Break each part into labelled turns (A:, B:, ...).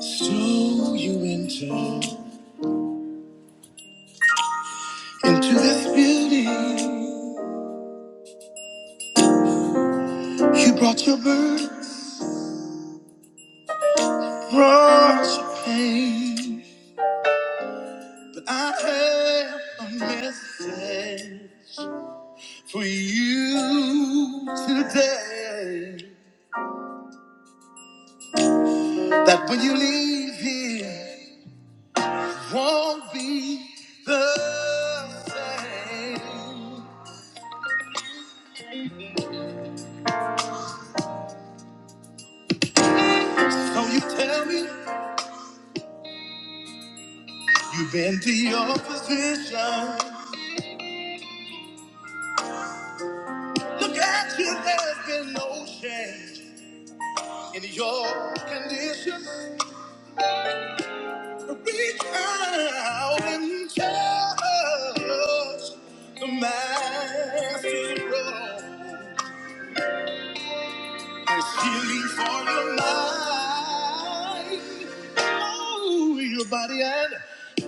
A: So you entered into this building. You brought your burdens, brought your pain. But I have a message for you today. That when you leave here, it won't be the same. So you tell me you've been to your position. Look at you, there's been no change. in your condition. Reach out and touch the master's robe as healing for your mind. Oh, your body and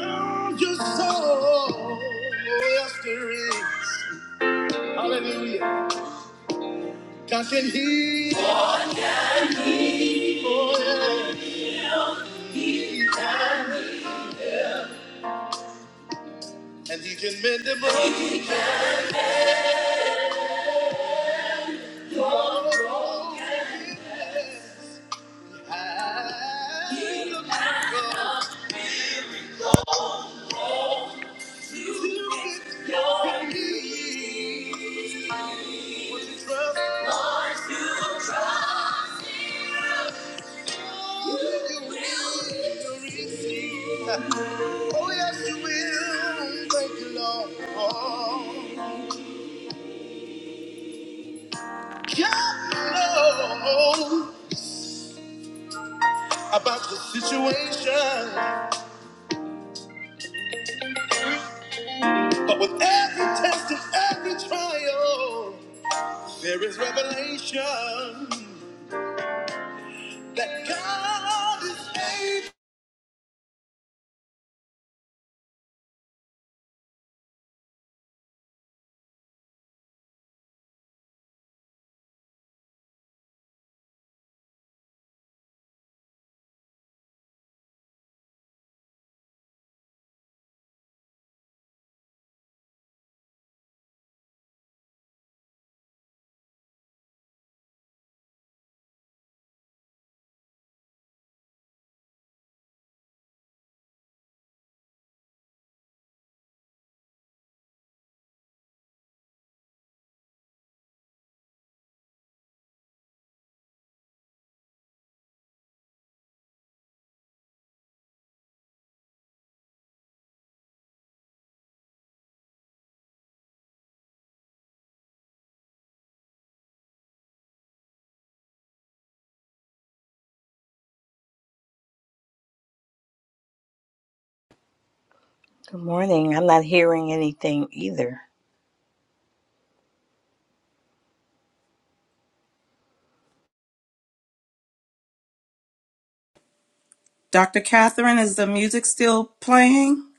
A: oh, your soul. Yes, there is. Hallelujah. God can heal. Oh, yeah. And he can mend the broken. Oh yes, you will. Thank you, Lord. God knows about the situation, but with every test and every trial, there is revelation. That God is able.
B: Good morning. I'm not hearing anything either.
C: Dr. Catherine, is the music still playing?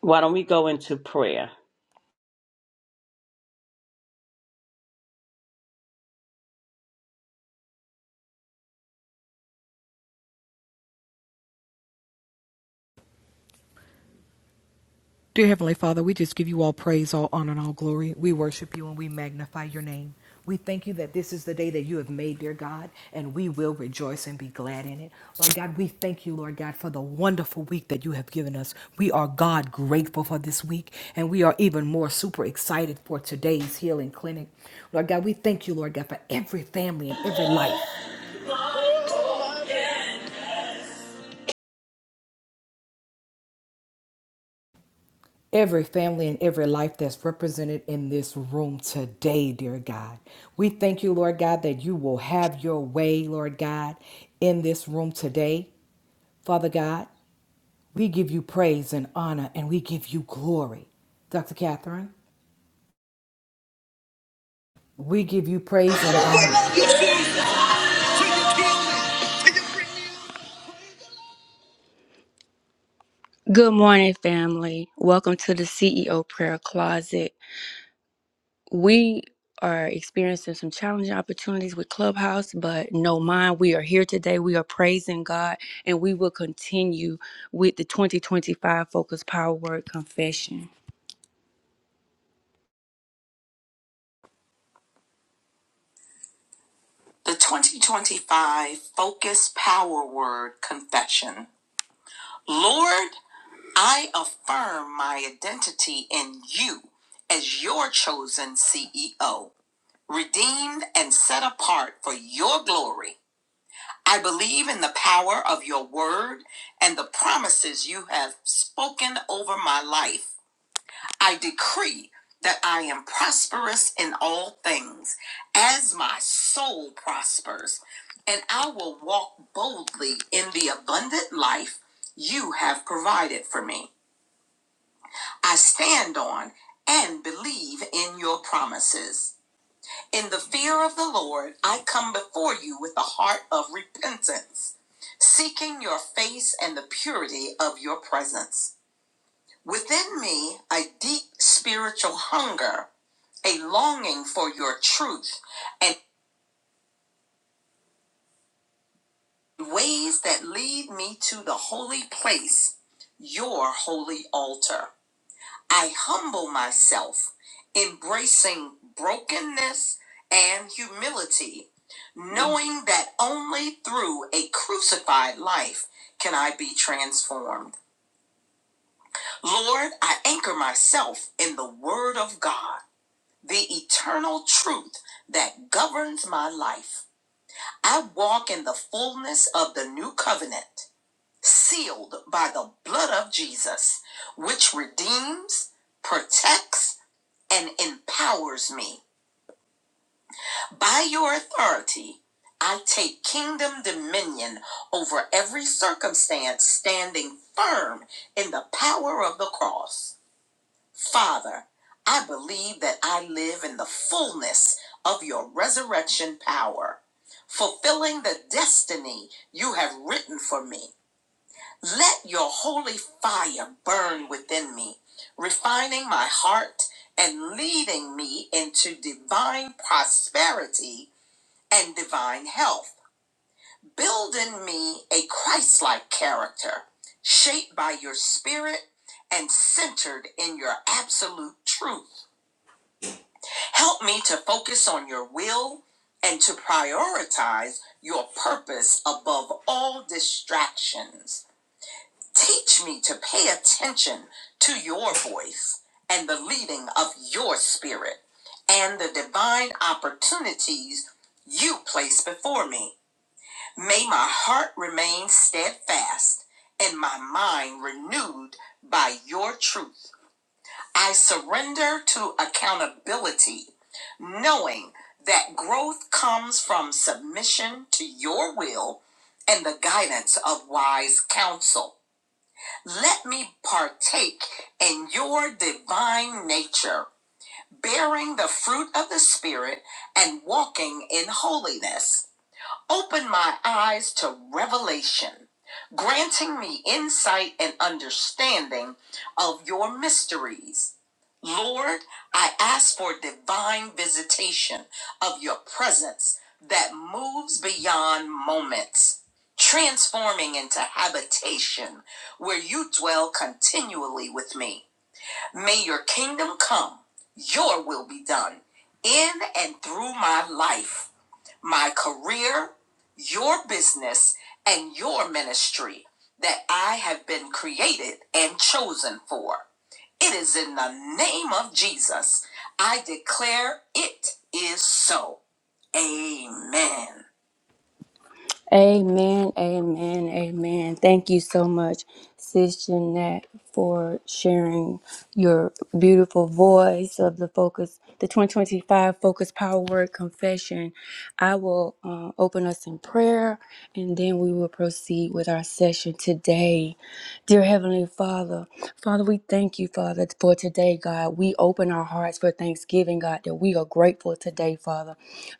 D: Why don't we go into prayer?
E: Dear Heavenly Father, we just give you all praise, all honor, and all glory. We worship you and we magnify your name. We thank you that this is the day that you have made, dear God, and we will rejoice and be glad in it. Lord God, we thank you, Lord God, for the wonderful week that you have given us. We are, God, grateful for this week, and we are even more super excited for today's healing clinic. Lord God, we thank you, Lord God, for every family and every life every family and every life that's represented in this room today, dear God. We thank you, Lord God, that you will have your way, Lord God, in this room today. Father God, we give you praise and honor and we give you glory. Dr. Catherine, we give you praise and
A: I
E: honor.
A: love you, Jesus, till you heal me, till you bring me out. Good morning, family. Welcome to the CEO Prayer Closet. We are experiencing some challenging opportunities with Clubhouse, but no mind, we are here today. We are praising God, and we will continue with the 2025 Focus Power Word Confession.
C: The 2025 Focus Power Word Confession. Lord, I affirm my identity in you as your chosen CEO, redeemed and set apart for your glory. I believe in the power of your word and the promises you have spoken over my life. I decree that I am prosperous in all things as my soul prospers, and I will walk boldly in the abundant life you have provided for me. I stand on and believe in your promises. In the fear of the Lord, I come before you with a heart of repentance, seeking your face and the purity of your presence. Within me, a deep spiritual hunger a longing for your truth and ways that lead me to the holy place, your holy altar. I humble myself, embracing brokenness and humility, knowing that only through a crucified life can I be transformed. Lord, I anchor myself in the Word of God, the eternal truth that governs my life. I walk in the fullness of the new covenant, sealed by the blood of Jesus, which redeems, protects, and empowers me. By your authority, I take kingdom dominion over every circumstance, standing firm in the power of the cross. Father, I believe that I live in the fullness of your resurrection power, fulfilling the destiny you have written for me. Let your holy fire burn within me, refining my heart and leading me into divine prosperity and divine health. Build in me a Christ like character, shaped by your spirit and centered in your absolute truth. Help me to focus on your will and to prioritize your purpose above all distractions. Teach me to pay attention to your voice and the leading of your spirit and the divine opportunities you place before me. May my heart remain steadfast and my mind renewed by your truth. I surrender to accountability, knowing that growth comes from submission to your will and the guidance of wise counsel. Let me partake in your divine nature, bearing the fruit of the Spirit and walking in holiness. Open my eyes to revelation, granting me insight and understanding of your mysteries. Lord, I ask for divine visitation of your presence that moves beyond moments, transforming into habitation where you dwell continually with me. May your kingdom come, your will be done in and through my life my career, your business, and your ministry that I have been created and chosen for. It is in the name of Jesus. I declare it is so. Amen.
A: Amen, amen, amen. Thank you so much, Sis Jeanette, for sharing your beautiful voice of the focus, the 2025 Focus Power Word Confession. I will uh, open us in prayer and then we will proceed with our session today. Dear Heavenly Father, Father, we thank you, Father, for today, God. We open our hearts for thanksgiving, God, that we are grateful today, Father.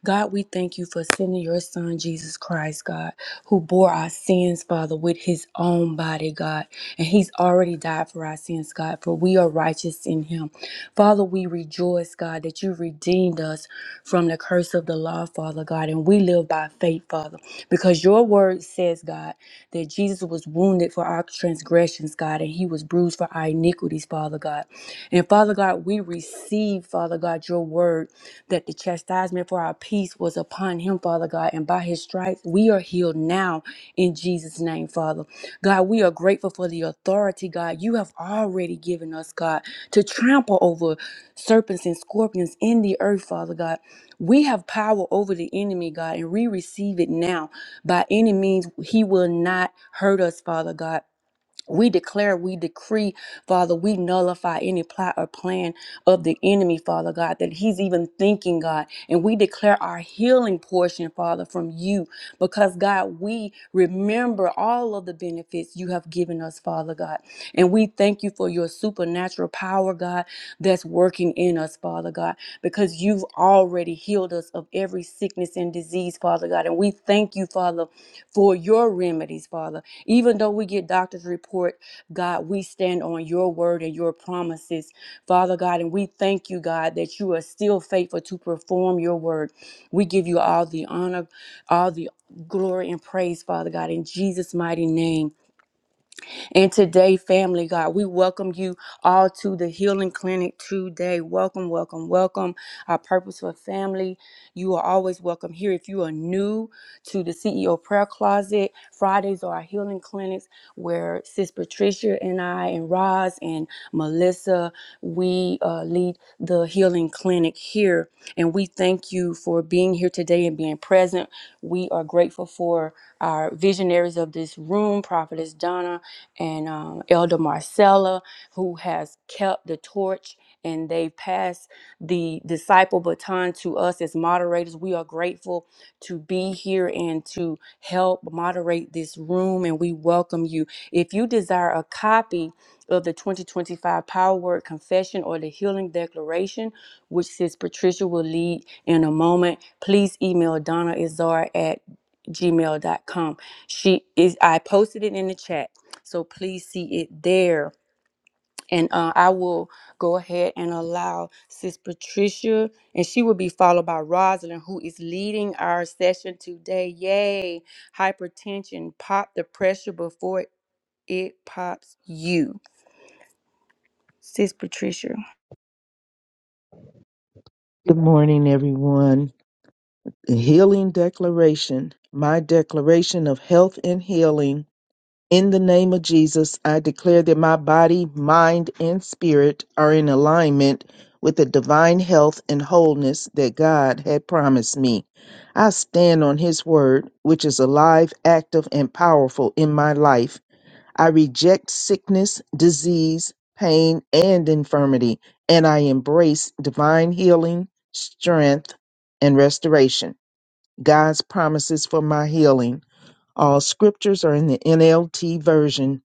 A: God, we thank you for sending your son, Jesus Christ, God, who bore our sins, Father, with his own body, God. And he's already died for our sins, God, for we are righteous in him. Father, we rejoice, God, that you redeemed us from the curse of the law, Father, God. And we live by faith, Father, because your word says, God, that Jesus was wounded for our transgressions, God, and he was bruised for our iniquities, Father God. And Father God, we receive, Father God, your word that the chastisement for our peace was upon him, Father God. And by his stripes, we are healed now in Jesus' name, Father. God, we are grateful for the authority, God, you have already given us, God, to trample over serpents and scorpions in the earth, Father God. We have power over the enemy, God, and we receive it now. By any means, he will not hurt us, Father God. We declare, we decree, Father, we nullify any plot or plan of the enemy, Father God, that he's even thinking, God. And we declare our healing portion, Father, from you, because, God, we remember all of the benefits you have given us, Father God. And we thank you for your supernatural power, God, that's working in us, Father God, because you've already healed us of every sickness and disease, Father God. And we thank you, Father, for your remedies, Father. Even though we get doctor's report, God, we stand on your word and your promises, Father God, and we thank you, God, that you are still faithful to perform your word. We give you all the honor, all the glory and praise, Father God, in Jesus' mighty name. And today, family, God, we welcome you all to the Healing Clinic today. Welcome, welcome, welcome. Our purposeful family, you are always welcome here. If you are new to the CEO Prayer Closet, Fridays are our healing clinics where Sis Patricia and I, and Roz and Melissa, we uh, lead the healing clinic here. And we thank you for being here today and being present. We are grateful for our visionaries of this room, Prophetess Donna and um, Elder Marcella, who has kept the torch and they've passed the disciple baton to us as moderators. We are grateful to be here and to help moderate this room, and we welcome you. If you desire a copy of the 2025 Power Word Confession or the Healing Declaration, which says Patricia will lead in a moment, please email Donna Izar at gmail.com. She is I posted it in the chat so please see it there. And uh, I will go ahead and allow Sis Patricia, and she will be followed by Rosalind, who is leading our session today. Yay! Hypertension, pop the pressure before it pops you. Sis Patricia.
F: Good morning, everyone. The healing declaration, my declaration of health and healing. In the name of Jesus, I declare that my body, mind, and spirit are in alignment with the divine health and wholeness that God had promised me. I stand on His word, which is alive, active, and powerful in my life I reject sickness, disease, pain, and infirmity, and I embrace divine healing, strength, and restoration. God's promises for my healing. All scriptures are in the NLT version.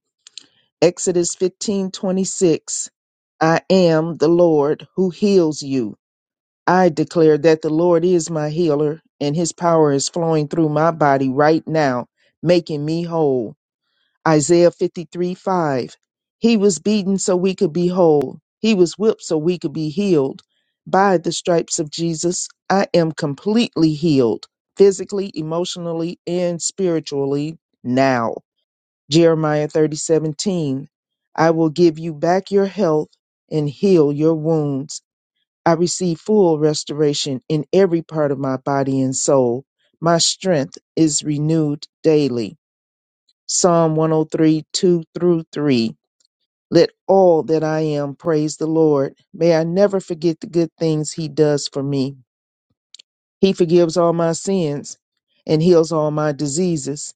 F: Exodus 15:26. I am the Lord who heals you. I declare that the Lord is my healer, and his power is flowing through my body right now, making me whole. Isaiah 53 5. He was beaten so we could be whole. He was whipped so we could be healed. By the stripes of Jesus, I am completely healed, physically, emotionally, and spiritually now. Jeremiah thirty seventeen. I will give you back your health and heal your wounds. I receive full restoration in every part of my body and soul. My strength is renewed daily. Psalm 1032 through 3. Let all that I am praise the Lord. May I never forget the good things He does for me. He forgives all my sins and heals all my diseases.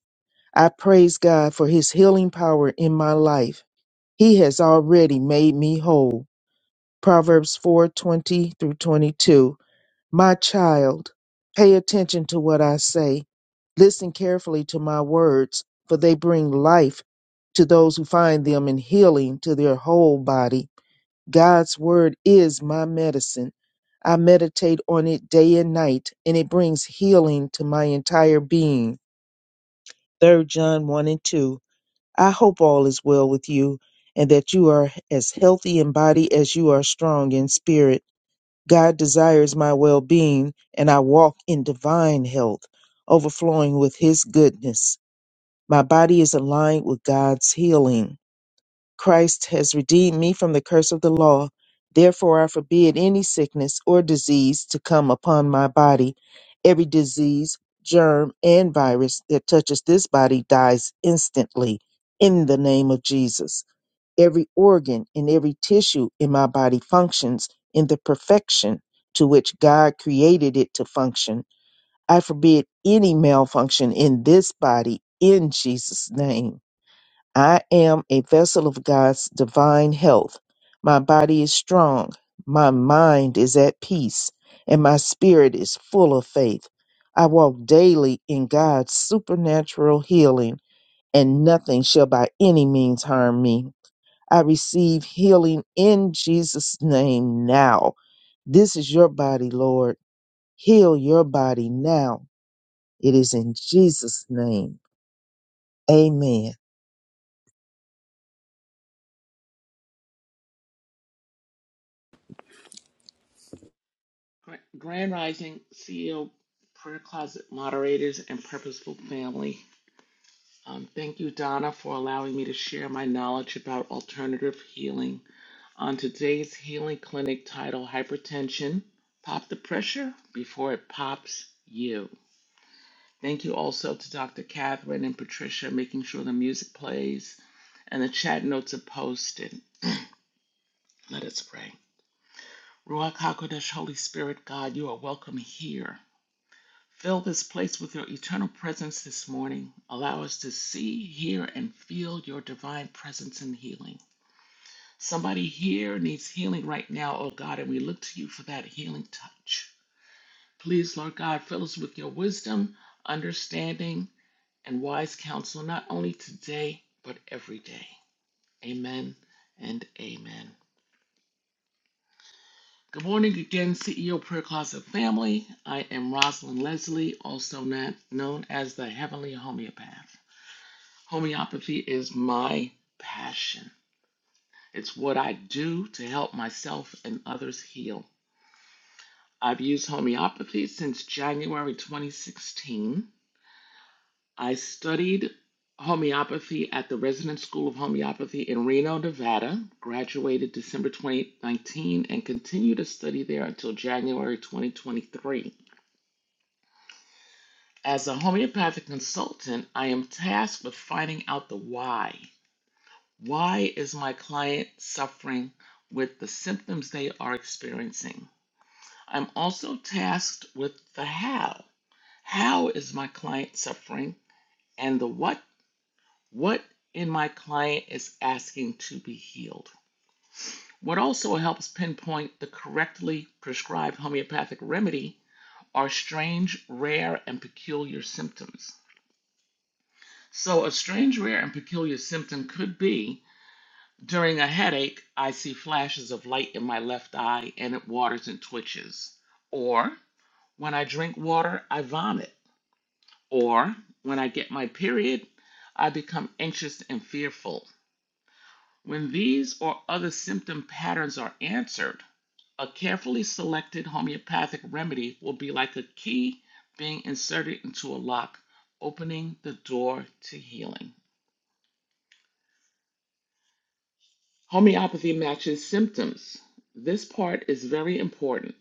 F: I praise God for His healing power in my life. He has already made me whole. Proverbs 420 through 22. My child, pay attention to what I say. Listen carefully to my words, for they bring life to those who find them and healing to their whole body. God's word is my medicine. I meditate on it day and night, and it brings healing to my entire being. Third John 1 and 2. I hope all is well with you, and that you are as healthy in body as you are strong in spirit. God desires my well being, and I walk in divine health, overflowing with His goodness. My body is aligned with God's healing. Christ has redeemed me from the curse of the law. Therefore, I forbid any sickness or disease to come upon my body. Every disease, germ, and virus that touches this body dies instantly in the name of Jesus. Every organ and every tissue in my body functions in the perfection to which God created it to function. I forbid any malfunction in this body in Jesus' name. I am a vessel of God's divine health. My body is strong, my mind is at peace, and my spirit is full of faith. I walk daily in God's supernatural healing, and nothing shall by any means harm me. I receive healing in Jesus' name now. This is your body, Lord. Heal your body now. It is in Jesus' name. Amen.
G: Gra- Grand Rising CEO, Prayer Closet moderators, and Purposeful Family. Um, thank you, Donna, for allowing me to share my knowledge about alternative healing. On today's healing clinic titled Hypertension Pop the Pressure Before It Pops You. Thank you also to Dr. Catherine and Patricia making sure the music plays and the chat notes are posted. Let us pray. Ruach HaKodesh, Holy Spirit, God, you are welcome here. Fill this place with your eternal presence this morning. Allow us to see, hear, and feel your divine presence and healing. Somebody here needs healing right now, oh God, and we look to you for that healing touch. Please, Lord God, fill us with your wisdom, understanding, and wise counsel, not only today, but every day. Amen and amen. Good morning again, CEO Prayer Closet family. I am Rosalind Leslie, also known as the Heavenly Homeopath. Homeopathy is my passion. It's what I do to help myself and others heal. I've used homeopathy since January 2016. I studied homeopathy at the Resident School of Homeopathy in Reno, Nevada, graduated December 2019, and continued to study there until January 2023. As a homeopathic consultant, I am tasked with finding out the why Why is my client suffering with the symptoms they are experiencing? I'm also tasked with the how. How is my client suffering? And the what? What in my client is asking to be healed? What also helps pinpoint the correctly prescribed homeopathic remedy are strange, rare, and peculiar symptoms. So, a strange, rare, and peculiar symptom could be During a headache, I see flashes of light in my left eye and it waters and twitches. Or when I drink water, I vomit. Or when I get my period, I become anxious and fearful. When these or other symptom patterns are answered, a carefully selected homeopathic remedy will be like a key being inserted into a lock, opening the door to healing. Homeopathy matches symptoms. This part is very important.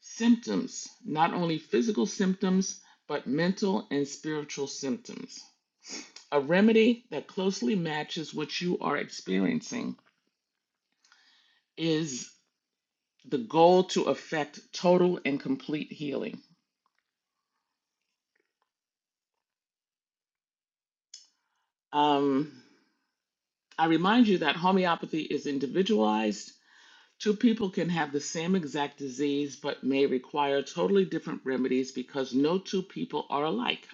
G: Symptoms, not only physical symptoms, but mental and spiritual symptoms. A remedy that closely matches what you are experiencing is the goal to affect total and complete healing. Um, I remind you that homeopathy is individualized. Two people can have the same exact disease but may require totally different remedies because no two people are alike.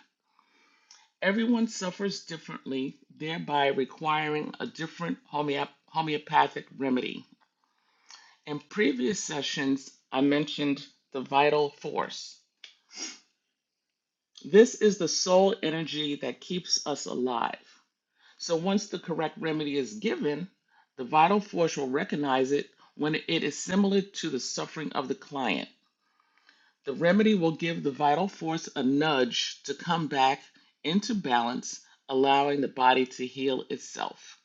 G: Everyone suffers differently, thereby requiring a different homeop- homeopathic remedy. In previous sessions, I mentioned the vital force. This is the sole energy that keeps us alive. So, once the correct remedy is given, the vital force will recognize it when it is similar to the suffering of the client. The remedy will give the vital force a nudge to come back into balance, allowing the body to heal itself.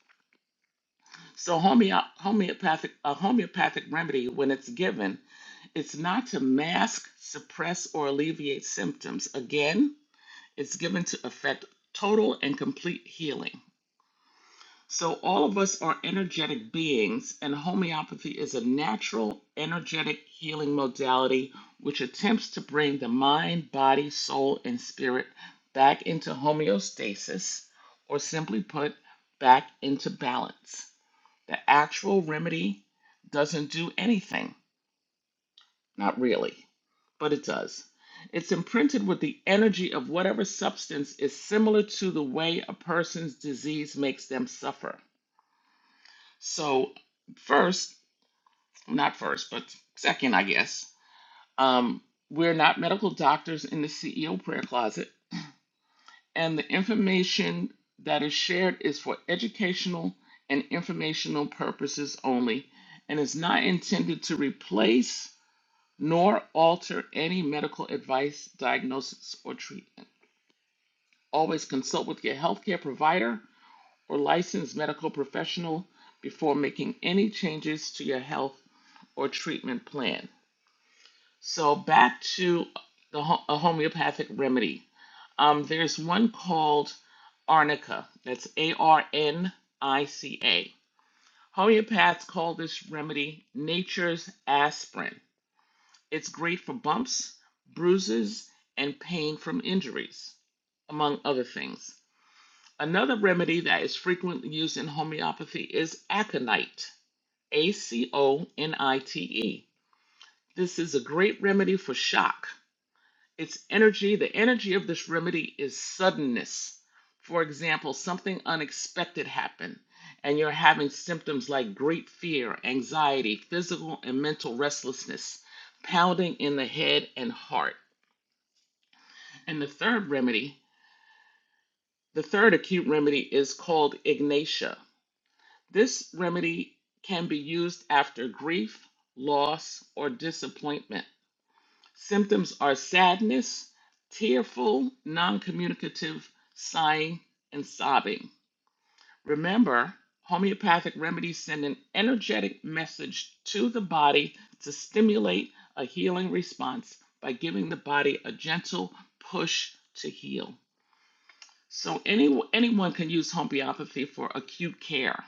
G: So homeo- homeopathic a homeopathic remedy, when it's given, it's not to mask, suppress, or alleviate symptoms. Again, it's given to effect total and complete healing. So all of us are energetic beings, and homeopathy is a natural energetic healing modality which attempts to bring the mind, body, soul, and spirit back into homeostasis, or simply put, back into balance. The actual remedy doesn't do anything, not really, but it does. It's imprinted with the energy of whatever substance is similar to the way a person's disease makes them suffer. So, first, not first, but second, I guess, um, we're not medical doctors in the CEO prayer closet, and the information that is shared is for educational and informational purposes only and is not intended to replace. nor alter any medical advice, diagnosis, or treatment. Always consult with your healthcare provider or licensed medical professional before making any changes to your health or treatment plan. So, back to the ho- a homeopathic remedy. Um, there's one called Arnica. That's A R N I C A. Homeopaths call this remedy nature's aspirin It's great for bumps, bruises, and pain from injuries, among other things. Another remedy that is frequently used in homeopathy is aconite, A C O N I T E. This is a great remedy for shock. Its energy, the energy of this remedy is suddenness. For example, something unexpected happened and you're having symptoms like great fear, anxiety, physical and mental restlessness, pounding in the head and heart. And the third remedy, the third acute remedy is called ignatia. This remedy can be used after grief, loss, or disappointment. Symptoms are sadness, tearful, non communicative sighing, and sobbing. Remember, homeopathic remedies send an energetic message to the body to stimulate a healing response by giving the body a gentle push to heal. So any, anyone can use homeopathy for acute care.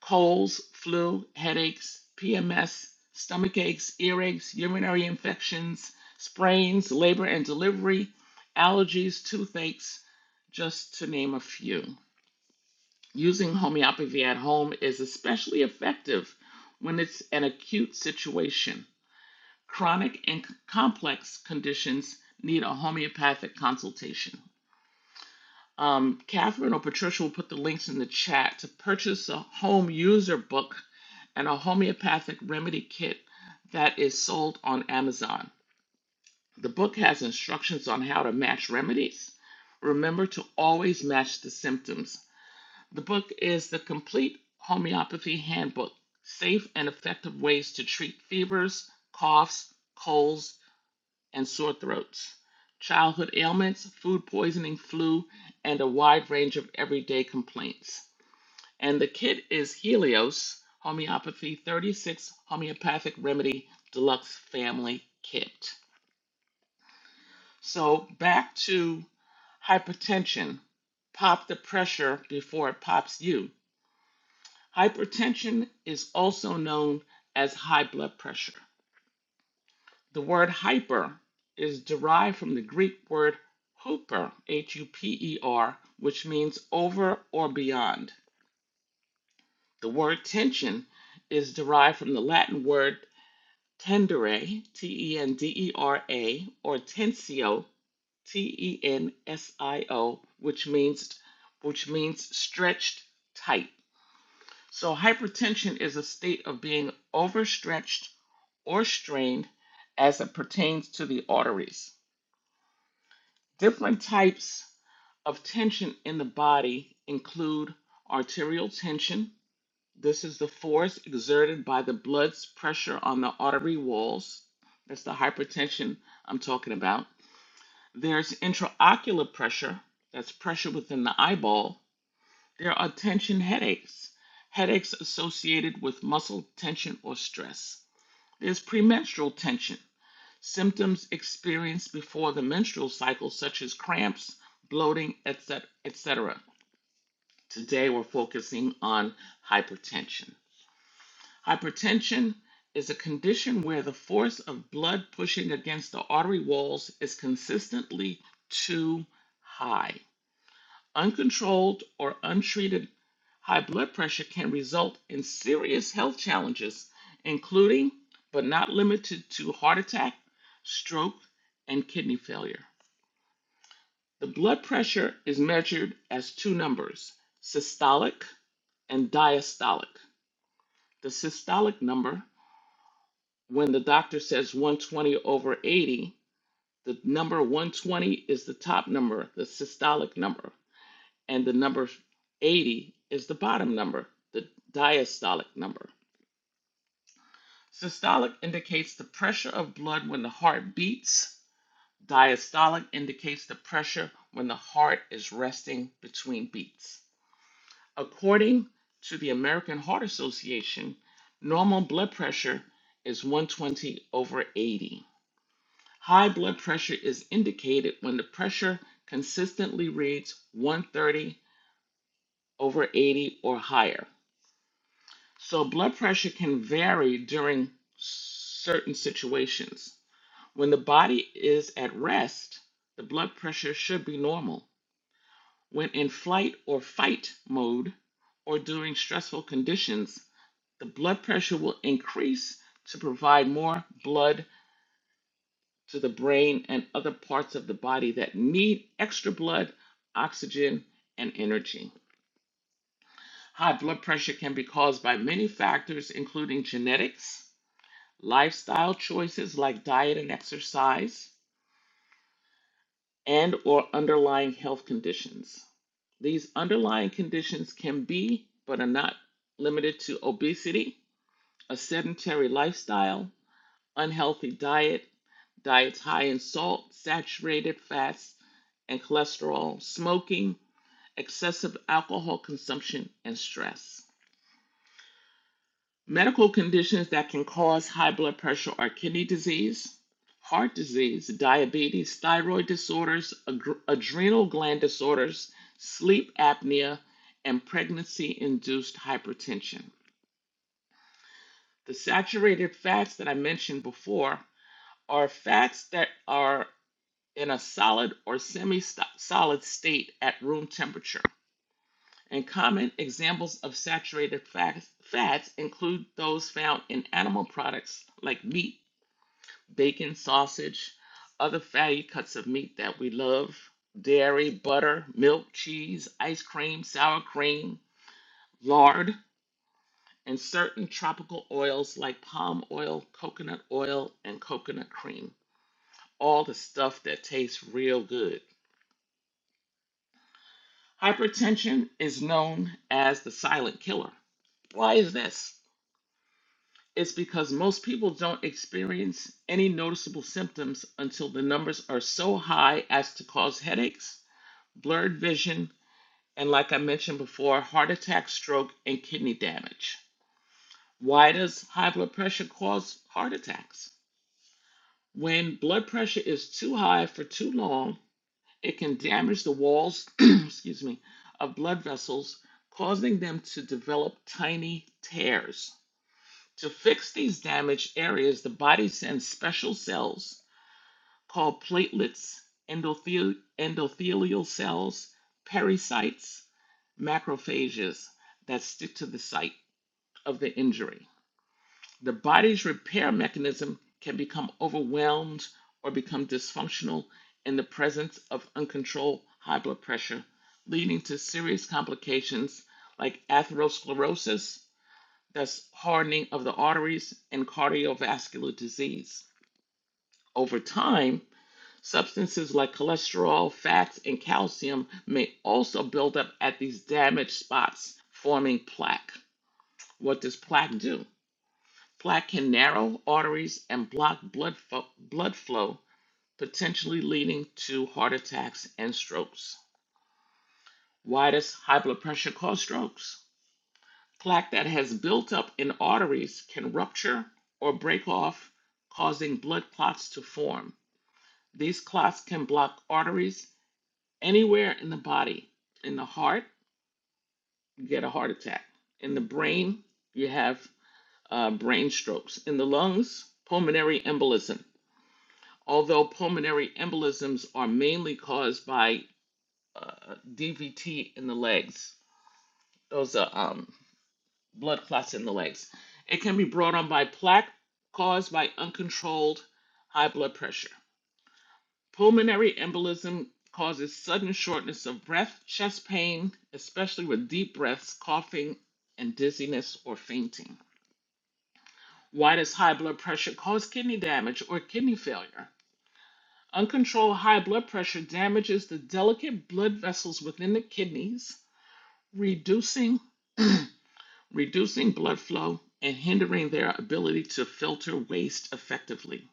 G: Colds, flu, headaches, PMS, stomach aches, earaches, urinary infections, sprains, labor and delivery, allergies, toothaches, just to name a few. Using homeopathy at home is especially effective when it's an acute situation. Chronic and complex conditions need a homeopathic consultation. Um, Catherine or Patricia will put the links in the chat to purchase a home user book and a homeopathic remedy kit that is sold on Amazon. The book has instructions on how to match remedies. Remember to always match the symptoms. The book is the complete homeopathy handbook safe and effective ways to treat fevers, coughs, colds, and sore throats, childhood ailments, food poisoning, flu, and a wide range of everyday complaints. And the kit is Helios Homeopathy 36 Homeopathic Remedy Deluxe Family Kit. So back to hypertension. Pop the pressure before it pops you. Hypertension is also known as high blood pressure. The word hyper is derived from the Greek word huper, H U P E R, which means over or beyond. The word tension is derived from the Latin word tendere, T E N D E R A, or tensio, T E N S I O, which means which means stretched tight. So hypertension is a state of being overstretched or strained as it pertains to the arteries. Different types of tension in the body include arterial tension. This is the force exerted by the blood's pressure on the artery walls. That's the hypertension I'm talking about. There's intraocular pressure. That's pressure within the eyeball. There are tension headaches, headaches associated with muscle tension or stress. There's premenstrual tension symptoms experienced before the menstrual cycle, such as cramps, bloating, etc. etc. Today, we're focusing on hypertension. Hypertension is a condition where the force of blood pushing against the artery walls is consistently too high. Uncontrolled or untreated high blood pressure can result in serious health challenges, including but not limited to heart attack, stroke, and kidney failure. The blood pressure is measured as two numbers, systolic and diastolic. The systolic number, when the doctor says 120 over 80, the number 120 is the top number, the systolic number. and the number 80 is the bottom number, the diastolic number. Systolic indicates the pressure of blood when the heart beats. Diastolic indicates the pressure when the heart is resting between beats. According to the American Heart Association, normal blood pressure is 120 over 80. High blood pressure is indicated when the pressure consistently reads 130 over 80 or higher. So blood pressure can vary during certain situations. When the body is at rest, the blood pressure should be normal. When in flight or fight mode or during stressful conditions, the blood pressure will increase to provide more blood to the brain and other parts of the body that need extra blood, oxygen, and energy. High blood pressure can be caused by many factors, including genetics lifestyle choices like diet and exercise, and or underlying health conditions. These underlying conditions can be but are not limited to obesity, a sedentary lifestyle, unhealthy diet, diets high in salt, saturated fats, and cholesterol, smoking, excessive alcohol consumption, and stress. Medical conditions that can cause high blood pressure are kidney disease, heart disease, diabetes, thyroid disorders, agr- adrenal gland disorders, sleep apnea, and pregnancy induced hypertension. The saturated fats that I mentioned before are fats that are in a solid or semi solid state at room temperature. And common examples of saturated fats, fats include those found in animal products like meat bacon, sausage, other fatty cuts of meat that we love, dairy, butter, milk, cheese, ice cream, sour cream, lard, and certain tropical oils like palm oil, coconut oil, and coconut cream. All the stuff that tastes real good. Hypertension is known as the silent killer. Why is this? It's because most people don't experience any noticeable symptoms until the numbers are so high as to cause headaches blurred vision, and like I mentioned before, heart attack, stroke, and kidney damage. Why does high blood pressure cause heart attacks? When blood pressure is too high for too long, it can damage the walls, excuse me, of blood vessels, causing them to develop tiny tears. To fix these damaged areas, the body sends special cells called platelets, endothel- endothelial cells, pericytes, macrophages that stick to the site of the injury. The body's repair mechanism can become overwhelmed or become dysfunctional in the presence of uncontrolled high blood pressure, leading to serious complications like atherosclerosis, that's hardening of the arteries, and cardiovascular disease. Over time, substances like cholesterol, fats, and calcium may also build up at these damaged spots, forming plaque. What does plaque do? Plaque can narrow arteries and block blood, fo- blood flow, potentially leading to heart attacks and strokes. Why does high blood pressure cause strokes? Plaque that has built up in arteries can rupture or break off, causing blood clots to form. These clots can block arteries anywhere in the body. In the heart, you get a heart attack. In the brain, you have uh, brain strokes. In the lungs, pulmonary embolism. although pulmonary embolisms are mainly caused by uh, DVT in the legs. Those are um, blood clots in the legs. It can be brought on by plaque caused by uncontrolled high blood pressure. Pulmonary embolism causes sudden shortness of breath, chest pain, especially with deep breaths, coughing, and dizziness or fainting. Why does high blood pressure cause kidney damage or kidney failure? Uncontrolled high blood pressure damages the delicate blood vessels within the kidneys, reducing, reducing blood flow and hindering their ability to filter waste effectively.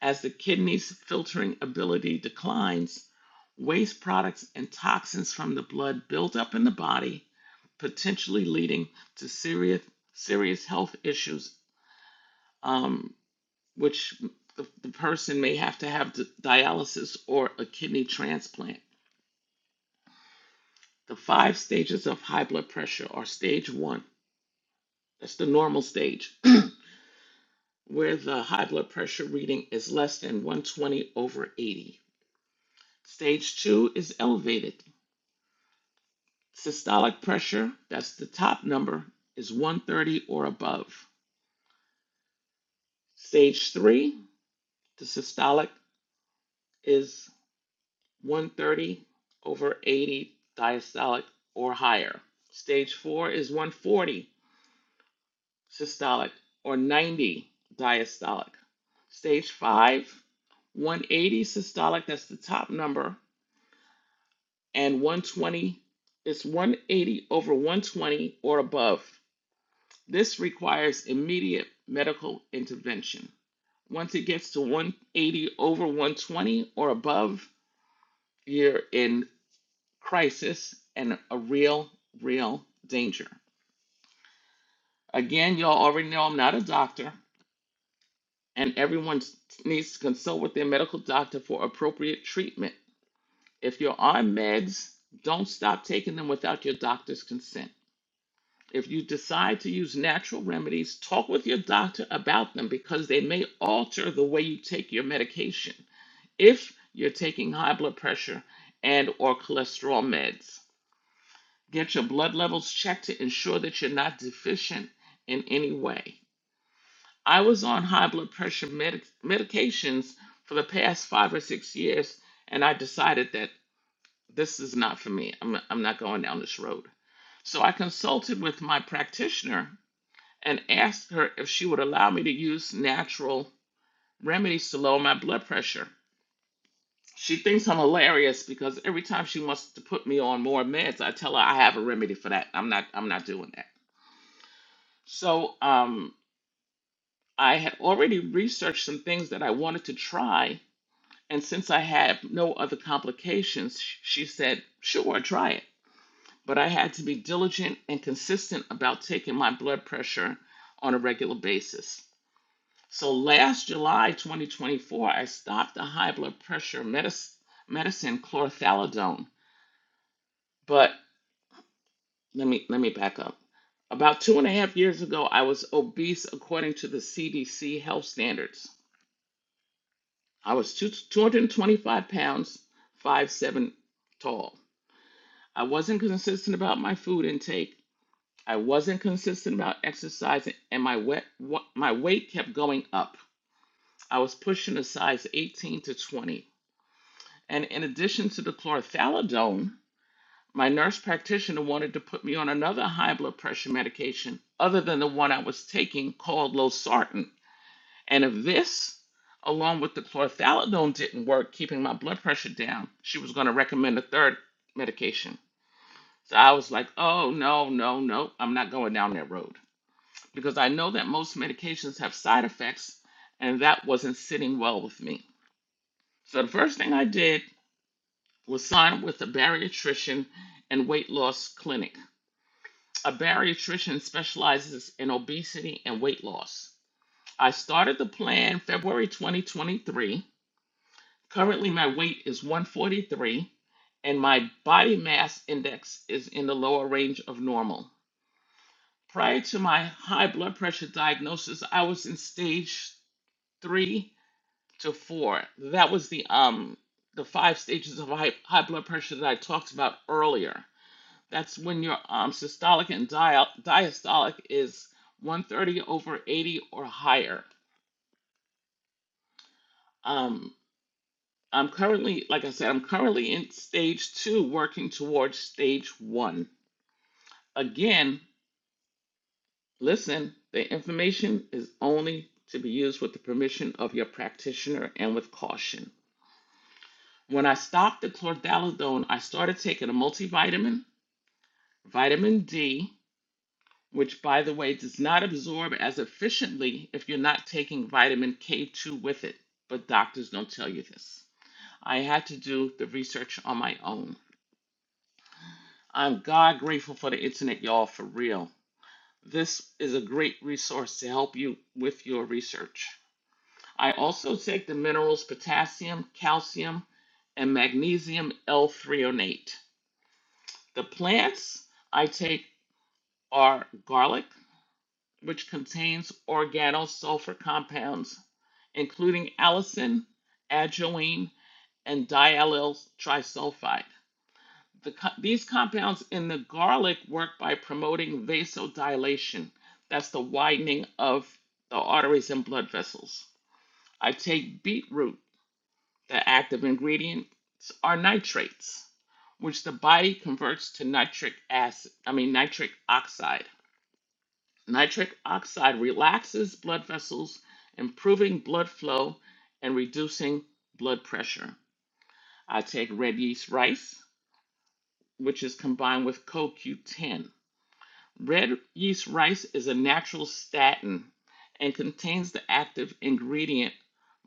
G: As the kidneys' filtering ability declines, waste products and toxins from the blood build up in the body, potentially leading to serious, serious health issues, um, which the, the person may have to have dialysis or a kidney transplant. The five stages of high blood pressure are stage one, that's the normal stage, where the high blood pressure reading is less than 120 over 80. Stage two is elevated. Systolic pressure, that's the top number, is 130 or above. Stage three, the systolic is 130 over 80 diastolic or higher. Stage four is 140. systolic or 90 diastolic. Stage 5, 180 systolic, that's the top number, and 120 It's 180 over 120 or above. This requires immediate medical intervention. Once it gets to 180 over 120 or above, you're in crisis and a real, real danger. Again, y'all already know I'm not a doctor, and everyone s- needs to consult with their medical doctor for appropriate treatment. If you're on meds, don't stop taking them without your doctor's consent. If you decide to use natural remedies, talk with your doctor about them because they may alter the way you take your medication if you're taking high blood pressure and or cholesterol meds. Get your blood levels checked to ensure that you're not deficient in any way. I was on high blood pressure medic- medications for the past five or six years, and I decided that this is not for me. I'm, I'm not going down this road. So I consulted with my practitioner and asked her if she would allow me to use natural remedies to lower my blood pressure. She thinks I'm hilarious because every time she wants to put me on more meds, I tell her I have a remedy for that. I'm not I'm not doing that. So um, I had already researched some things that I wanted to try And since I had no other complications, sh- she said, Sure, try it. But I had to be diligent and consistent about taking my blood pressure on a regular basis. So last July 2024, I stopped the high blood pressure medic- medicine chlorthalidone. But let me let me back up. About two and a half years ago, I was obese according to the CDC health standards. I was two, 225 pounds, five seven tall. I wasn't consistent about my food intake. I wasn't consistent about exercising, and my wet, my weight kept going up. I was pushing a size 18 to 20. And in addition to the chlorothalidone, my nurse practitioner wanted to put me on another high blood pressure medication other than the one I was taking called losartan. And if this, along with the chlorothalidone, didn't work keeping my blood pressure down, she was going to recommend a third medication. So I was like, oh, no, no, no, I'm not going down that road because I know that most medications have side effects, and that wasn't sitting well with me. So the first thing I did was sign up with a bariatrician and weight loss clinic. A bariatrician specializes in obesity and weight loss. I started the plan February 2023. Currently, my weight is 143, and my body mass index is in the lower range of normal. Prior to my high blood pressure diagnosis, I was in stage three to four. That was the um the five stages of high, high blood pressure that I talked about earlier. That's when your um systolic and dia- diastolic is 130 over 80 or higher. Um, I'm currently, like I said, I'm currently in stage two, working towards stage one. Again, Listen, the information is only to be used with the permission of your practitioner and with caution. When I stopped the chlorthalidone, I started taking a multivitamin, vitamin D, which, by the way, does not absorb as efficiently if you're not taking vitamin K2 with it, but doctors don't tell you this. I had to do the research on my own. I'm God grateful for the internet, y'all, for real. This is a great resource to help you with your research. I also take the minerals potassium, calcium, and magnesium L-threonate. The plants I take are garlic, which contains organosulfur compounds, including allicin, ajoine, and diallyl trisulfide. The co- these compounds in the garlic work by promoting vasodilation. That's the widening of the arteries and blood vessels. I take beetroot The active ingredients are nitrates, which the body converts to nitric acid, I mean nitric oxide. Nitric oxide relaxes blood vessels, improving blood flow and reducing blood pressure. I take red yeast rice, which is combined with CoQ10. Red yeast rice is a natural statin and contains the active ingredient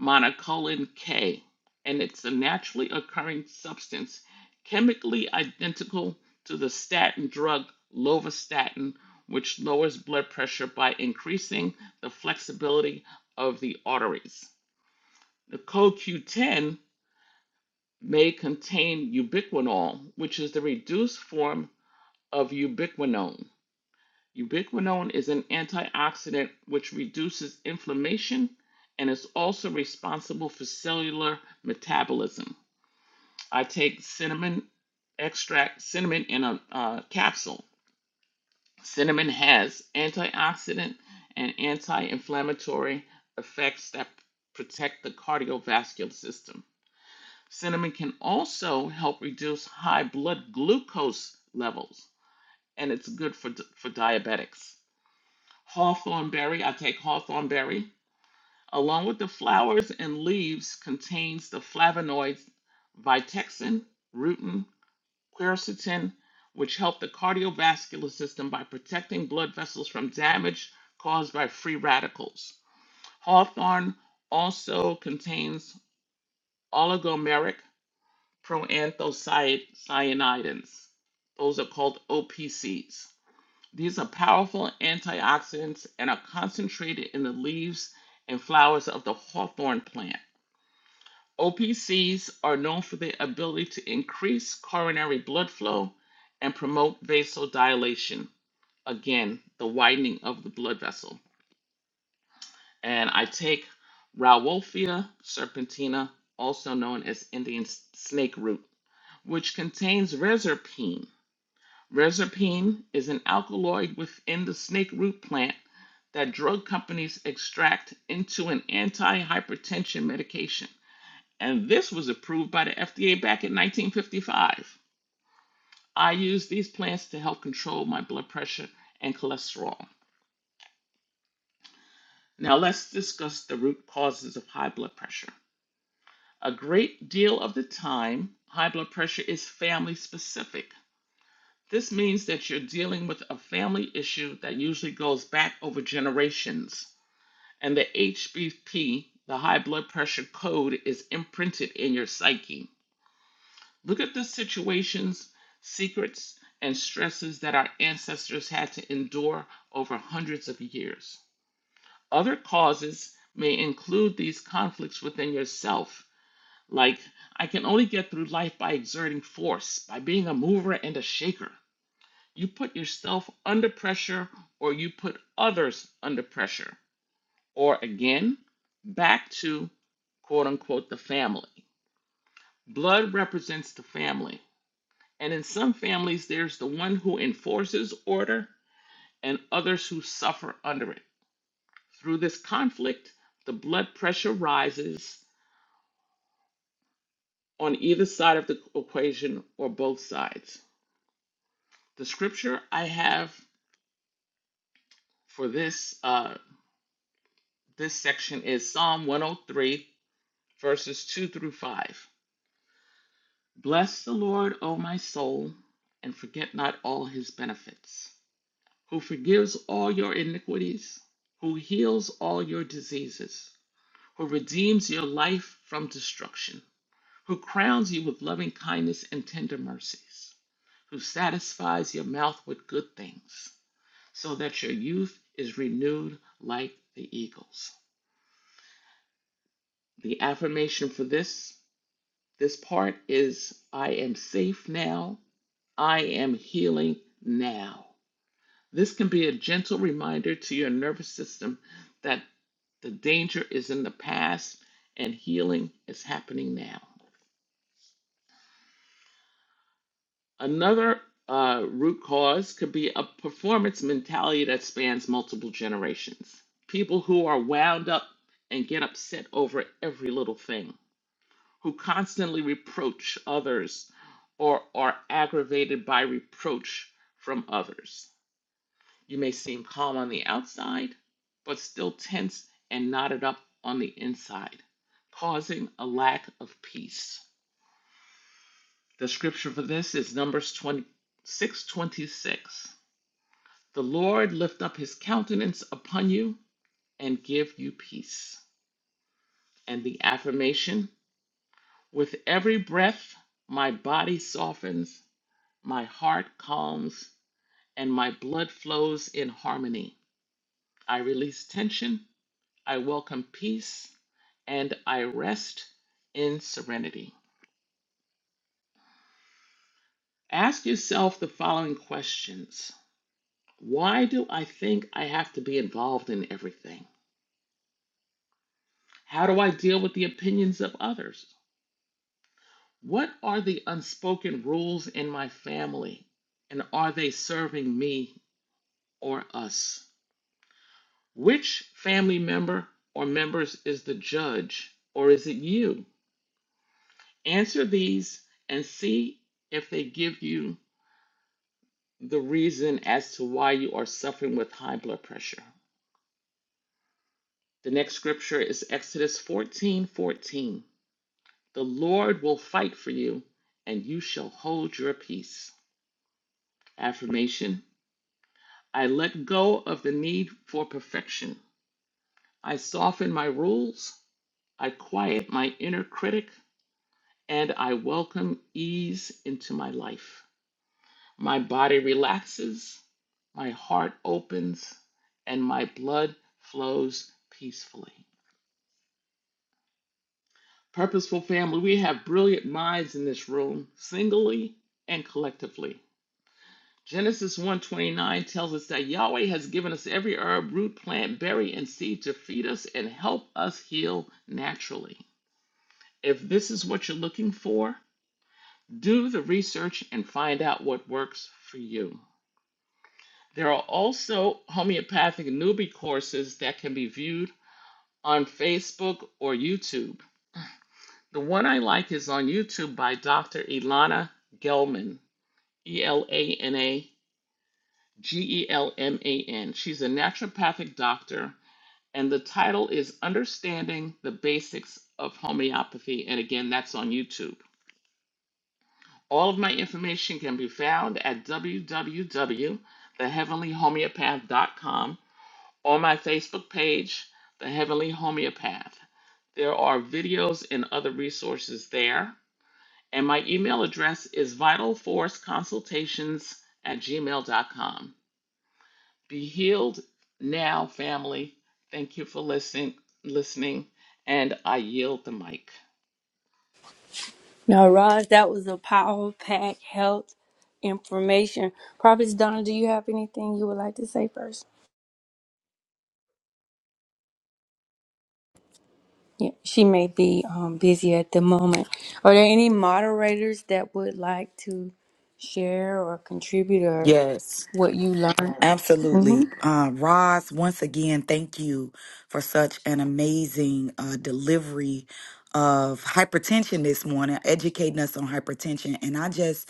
G: monocolin K, and it's a naturally occurring substance chemically identical to the statin drug lovastatin, which lowers blood pressure by increasing the flexibility of the arteries. The CoQ10 may contain ubiquinol, which is the reduced form of ubiquinone Ubiquinone is an antioxidant which reduces inflammation and is also responsible for cellular metabolism. I take cinnamon extract, cinnamon in a uh, capsule. Cinnamon has antioxidant and anti inflammatory effects that protect the cardiovascular system. Cinnamon can also help reduce high blood glucose levels, and it's good for, for diabetics. Hawthorn berry, I take hawthorn berry, along with the flowers and leaves, contains the flavonoids vitexin, rutin, quercetin, which help the cardiovascular system by protecting blood vessels from damage caused by free radicals. Hawthorn also contains oligomeric proanthocyanidins. Those are called OPCs. These are powerful antioxidants and are concentrated in the leaves and flowers of the hawthorn plant. OPCs are known for their ability to increase coronary blood flow and promote vasodilation, again, the widening of the blood vessel. And I take Rauwolfia serpentina, also known as Indian snake root, which contains reserpine Rezapine is an alkaloid within the snake root plant that drug companies extract into an anti-hypertension medication. And this was approved by the FDA back in 1955. I use these plants to help control my blood pressure and cholesterol. Now let's discuss the root causes of high blood pressure. A great deal of the time, high blood pressure is family specific. This means that you're dealing with a family issue that usually goes back over generations, and the HBP, the high blood pressure code, is imprinted in your psyche. Look at the situations, secrets, and stresses that our ancestors had to endure over hundreds of years. Other causes may include these conflicts within yourself, like, I can only get through life by exerting force, by being a mover and a shaker. You put yourself under pressure or you put others under pressure. Or again, back to quote unquote the family. Blood represents the family. And in some families, there's the one who enforces order and others who suffer under it. Through this conflict, the blood pressure rises on either side of the equation or both sides. The scripture I have for this uh, this section is Psalm one o three. verses 2 through 5. Bless the Lord, O my soul, and forget not all his benefits, who forgives all your iniquities, who heals all your diseases, who redeems your life from destruction, who crowns you with loving kindness and tender mercies, who satisfies your mouth with good things, so that your youth is renewed like the eagles. The affirmation for this this part is I am safe now I am healing now. This can be a gentle reminder to your nervous system that the danger is in the past and healing is happening now. Another uh, root cause could be a performance mentality that spans multiple generations. People who are wound up and get upset over every little thing, who constantly reproach others or are aggravated by reproach from others. You may seem calm on the outside, but still tense and knotted up on the inside, causing a lack of peace. The scripture for this is Numbers twenty six twenty six. The Lord lift up his countenance upon you and give you peace. And the affirmation with every breath, my body softens, my heart calms, and my blood flows in harmony. I release tension I welcome peace and I rest in serenity. Ask yourself the following questions Why do I think I have to be involved in everything? How do I deal with the opinions of others? What are the unspoken rules in my family? And are they serving me or us? Which family member or members is the judge, or is it you? Answer these and see if they give you the reason as to why you are suffering with high blood pressure. The next scripture is Exodus 14 14. The Lord will fight for you, and you shall hold your peace. Affirmation I let go of the need for perfection. I soften my rules, I quiet my inner critic, and I welcome ease into my life. My body relaxes, my heart opens, and my blood flows peacefully. Purposeful family, we have brilliant minds in this room, singly and collectively. Genesis 1:29 tells us that Yahweh has given us every herb, root, plant, berry, and seed to feed us and help us heal naturally. If this is what you're looking for, do the research and find out what works for you. There are also homeopathic newbie courses that can be viewed on Facebook or YouTube. The one I like is on YouTube by Dr. Elana Gelman, E L A N A G E L M A N. She's a naturopathic doctor, and the title is Understanding the Basics of Homeopathy. And again, that's on YouTube. All of my information can be found at www.theheavenlyhomeopath.com or my Facebook page, The Heavenly Homeopath. There are videos and other resources there. And my email address is vitalforceconsultations at gmail dot com. Be healed now, family. Thank you for listening, listening, and I yield the mic.
A: Now, Roz, that was a power pack health information. Prophets Donna, do you have anything you would like to say first? Yeah, she may be um, busy at the moment. Are there any moderators that would like to share or contribute or
H: Yes,
A: what you learned? hmm
H: absolutely. Uh, Roz, once again, thank you for such an amazing uh, delivery of hypertension this morning, educating us on hypertension. And I just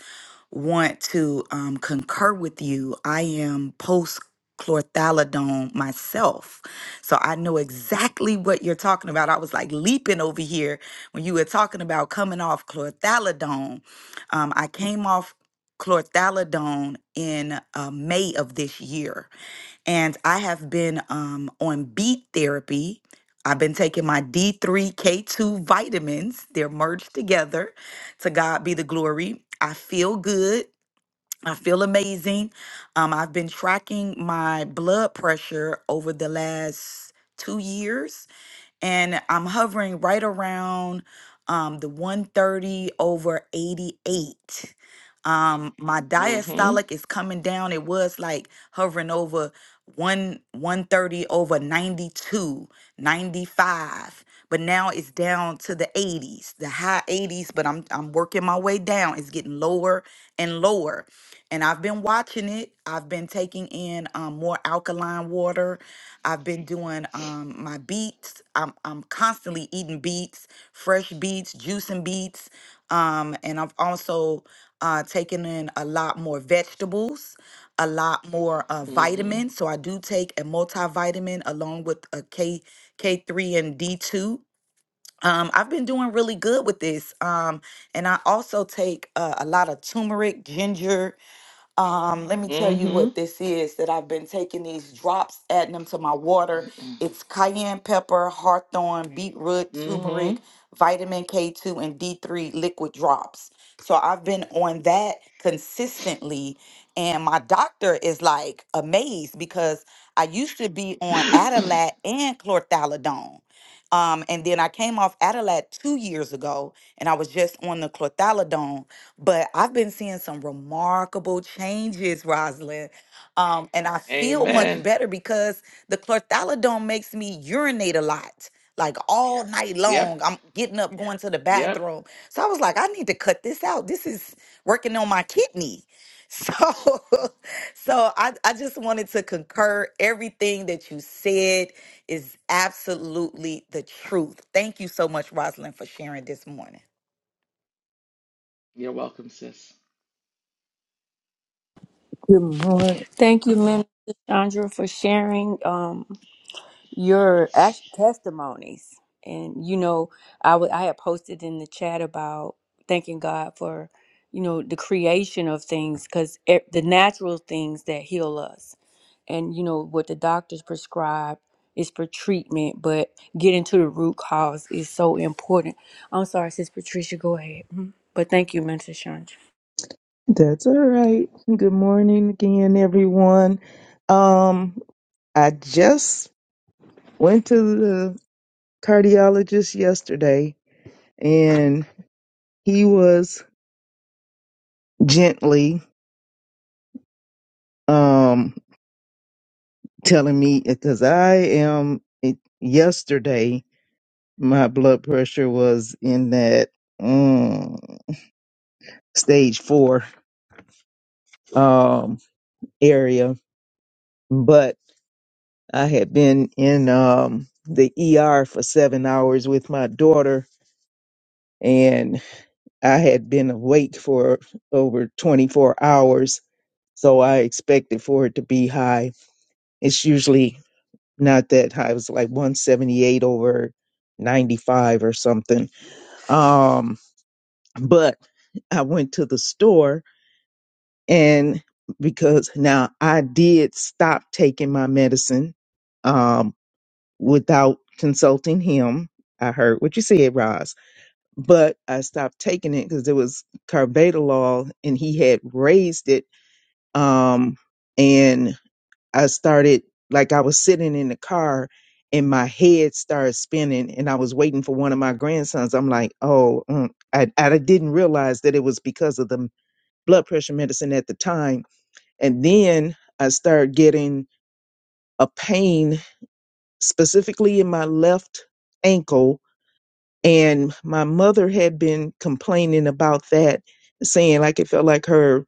H: want to um, concur with you. I am post chlorthalidone myself. So I know exactly what you're talking about. I was like leaping over here when you were talking about coming off chlorthalidone. Um, I came off chlorthalidone in uh, May of this year and I have been um, on beet therapy. I've been taking my D3 K2 vitamins. They're merged together. To God be the glory. I feel good. I feel amazing. Um, I've been tracking my blood pressure over the last two years and I'm hovering right around um, the 130 over 88. Um, my
G: Mm-hmm.
H: diastolic is coming down. It was like hovering over one 130 over 92, 95, but now it's down to the 80s, the high 80s. But I'm I'm working my way down. It's getting lower and lower and I've been watching it. I've been taking in um, more alkaline water. I've been doing um, my beets. I'm I'm constantly eating beets, fresh beets, juicing beets, um, and I've also uh, taken in a lot more vegetables, a lot more uh,
G: Mm-hmm.
H: vitamins. So I do take a multivitamin along with a K K3 and D2. Um, I've been doing really good with this, um, and I also take uh, a lot of turmeric, ginger, um, let me tell you
G: Mm-hmm.
H: what this is that I've been taking these drops, adding them to my water. It's cayenne pepper, hawthorn, beetroot,
G: Mm-hmm.
H: turmeric, vitamin K2, and D3 liquid drops. So I've been on that consistently. And my doctor is like amazed because I used to be on Adalat and chlorthalidone. Um, and then I came off Adalat two years ago and I was just on the clothalidone. But I've been seeing some remarkable changes, Rosalind. Um, and I feel much
G: Amen.
H: better because the clothalidone makes me urinate a lot, like all Yeah. night
G: Yep.
H: long. I'm getting up, Yeah. going to the
G: Yep.
H: bathroom. So I was like, I need to cut this out. This is working on my kidney. So, so I, I just wanted to concur everything that you said is absolutely the truth. Thank you so much, Rosalind, for sharing this morning.
G: You're welcome, sis.
F: Good morning.
A: Thank you, Minister Chandra, for sharing. Um, your act- testimonies. And you know, I wa- I had posted in the chat about thanking God for you know the creation of things because the natural things that heal us, and you know what the doctors prescribe is for treatment, but getting to the root cause is so important. I'm sorry, Sis Patricia, go ahead. Mhm. But thank you, Minister Chandra.
F: That's all right. Good morning again, everyone. Um, I just went to the cardiologist yesterday and he was gently um telling me because I am it, yesterday my blood pressure was in that mm, stage four um, area, but I had been in um, the ER for seven hours with my daughter, and I had been awake for over 24 hours. So I expected for it to be high. It's usually not that high. It was like 178 over 95 or something. Um, but I went to the store and because now I did stop taking my medicine um, without consulting him. I heard what you said, Roz, but I stopped taking it because there was carvedilol and he had raised it. Um, and I started, like, I was sitting in the car and my head started spinning and I was waiting for one of my grandsons. I'm like, oh, mm. I, I didn't realize that it was because of the blood pressure medicine at the time and then I started getting a pain specifically in my left ankle. And my mother had been complaining about that, saying like it felt like her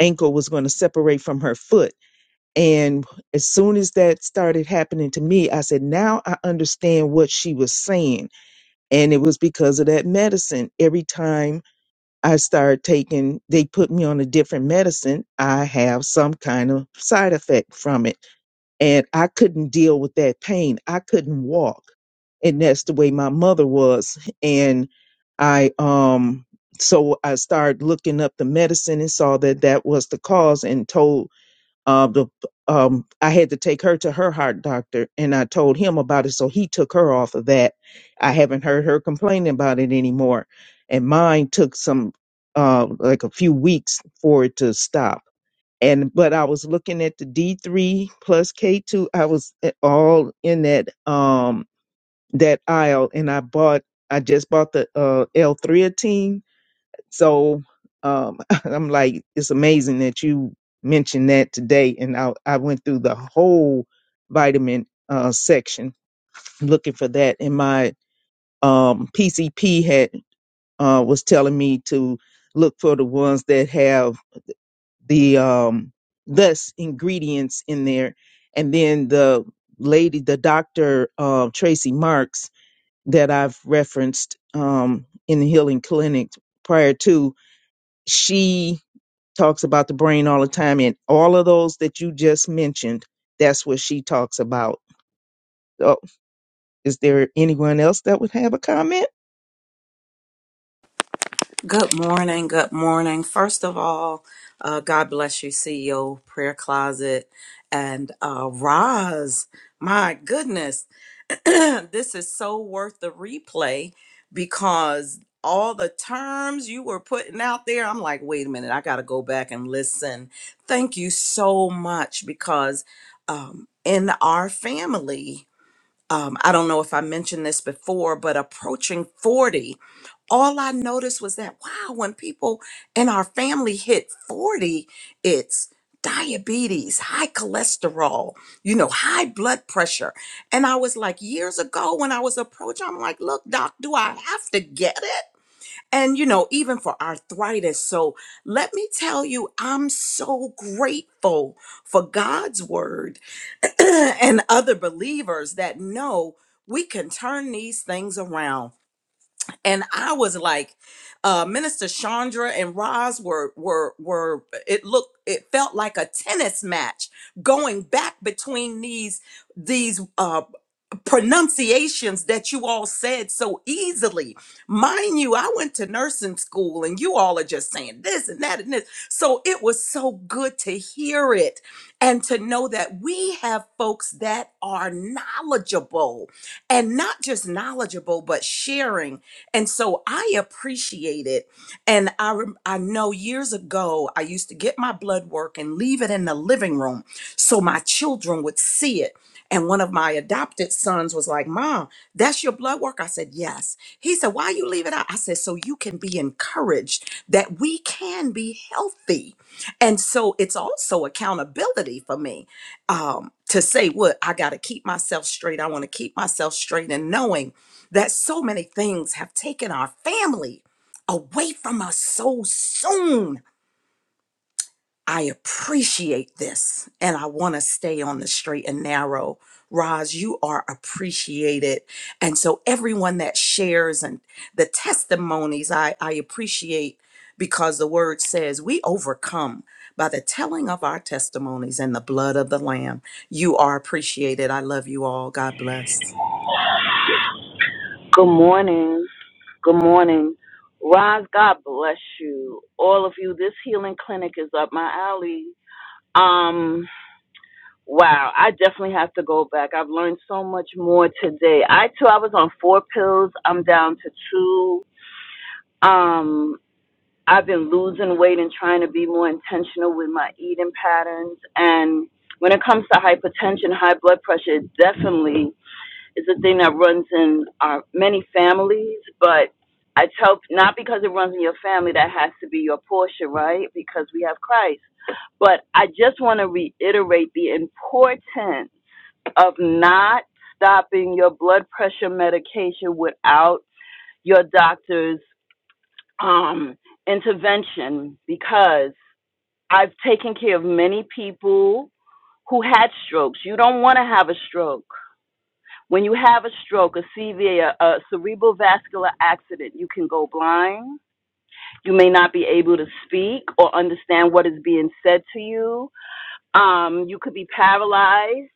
F: ankle was going to separate from her foot. And as soon as that started happening to me, I said, now I understand what she was saying. And it was because of that medicine. Every time I started taking, they put me on a different medicine, I have some kind of side effect from it. and I couldn't deal with that pain. I couldn't walk, and that's the way my mother was. And I um so I started looking up the medicine and saw that that was the cause, and told uh, the um I had to take her to her heart doctor, and I told him about it, so he took her off of that. I haven't heard her complaining about it anymore, and mine took some uh like a few weeks for it to stop and but I was looking at the D3 plus K2. I was eh, all in that um that aisle, and I bought. I just bought the uh, L3team. So um, I'm like, it's amazing that you mentioned that today. And I I went through the whole vitamin uh, section looking for that, and my um, PCP had uh, was telling me to look for the ones that have the um less ingredients in there and then the lady the doctor uh tracy marks that i've referenced um in the healing clinic prior to she talks about the brain all the time and all of those that you just mentioned that's what she talks about Uh, is there anyone else that would have a comment?
C: Good morning. Good morning. First of all, uh, God bless you, CEO Prayer Closet and uh, Roz. My goodness, this is so worth the replay because all the terms you were putting out there, I'm like, wait a minute, I got to go back and listen. Thank you so much because um, in our family, um, I don't know if I mentioned this before, but approaching 40 all I noticed was that wow, when people in our family hit 40, it's diabetes, high cholesterol, you know, high blood pressure. And I was like, years ago when I was approached, I'm like, look, doc, do I have to get it? And, you know, even for arthritis. So let me tell you, I'm so grateful for God's word and other believers that know we can turn these things around and I was like, uh, Minister Chandra and Roz were were were. It looked, it felt like a tennis match going back between these these. uh, pronunciations that you all said so easily. Mind you, I went to nursing school and you all are just saying this and that and this. So it was so good to hear it and to know that we have folks that are knowledgeable and not just knowledgeable, but sharing. And so I appreciate it. And I, rem- I know years ago, I used to get my blood work and leave it in the living room so my children would see it and one of my adopted sons was like, Mom, that's your blood work? I said, Yes. He said, Why you leave it out? I said, So you can be encouraged that we can be healthy. And so it's also accountability for me um, to say, What? I got to keep myself straight. I want to keep myself straight and knowing that so many things have taken our family away from us so soon I appreciate this and I want to stay on the straight and narrow. Roz, you are appreciated. And so everyone that shares and the testimonies, I, I appreciate because the word says we overcome by the telling of our testimonies and the blood of the Lamb. You are appreciated. I love you all. God bless.
I: Good morning. Good morning. Roz, God bless you. All of you. This healing clinic is up my alley. Um, wow, I definitely have to go back. I've learned so much more today. I too I was on four pills. I'm down to two. Um, I've been losing weight and trying to be more intentional with my eating patterns and when it comes to hypertension, high blood pressure, it definitely it's a thing that runs in our many families, but I tell not because it runs in your family that has to be your portion, right? Because we have Christ. But I just want to reiterate the importance of not stopping your blood pressure medication without your doctor's um, intervention because I've taken care of many people who had strokes. You don't want to have a stroke when you have a stroke, a CV, a, a, a cerebral vascular accident, you can go blind. You may not be able to speak or understand what is being said to you. Um, you could be paralyzed,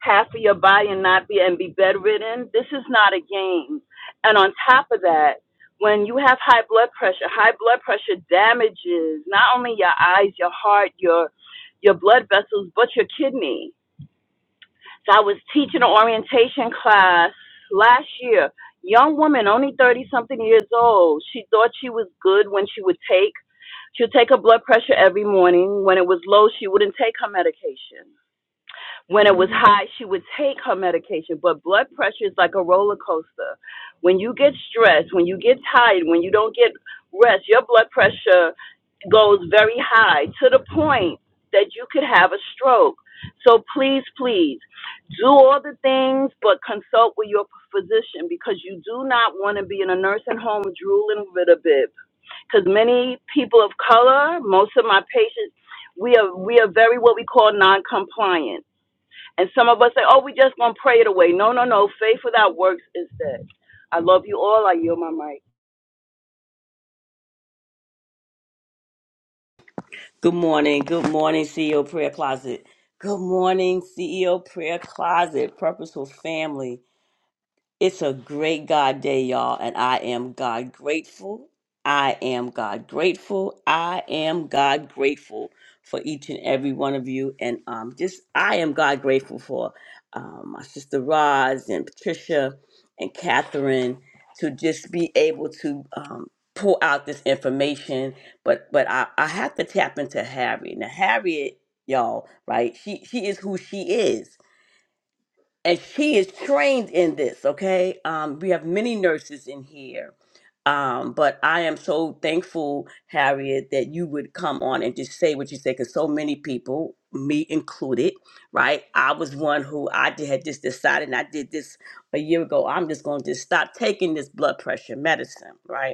I: half of your body, and not be and be bedridden. This is not a game. And on top of that, when you have high blood pressure, high blood pressure damages not only your eyes, your heart, your your blood vessels, but your kidney so I was teaching an orientation class last year. Young woman, only 30 something years old. She thought she was good when she would take, she would take her blood pressure every morning. When it was low, she wouldn't take her medication. When it was high, she would take her medication. But blood pressure is like a roller coaster. When you get stressed, when you get tired, when you don't get rest, your blood pressure goes very high to the point that you could have a stroke. So please, please do all the things, but consult with your physician because you do not want to be in a nursing home drooling with a bib. Because many people of color, most of my patients, we are we are very what we call non-compliant. And some of us say, "Oh, we just gonna pray it away." No, no, no. Faith without works is dead. I love you all. I yield my mic.
D: Good morning. Good morning, CEO Prayer Closet. Good morning, CEO Prayer Closet, Purposeful Family. It's a great God day, y'all, and I am God grateful. I am God grateful. I am God grateful for each and every one of you. And um, just, I am God grateful for um, my sister Roz and Patricia and Catherine to just be able to um, pull out this information. But but I, I have to tap into Harriet. Now, Harriet, y'all, right? She, she is who she is and she is trained in this okay um we have many nurses in here um but i am so thankful harriet that you would come on and just say what you say because so many people me included right i was one who i did, had just decided and i did this a year ago i'm just going to just stop taking this blood pressure medicine right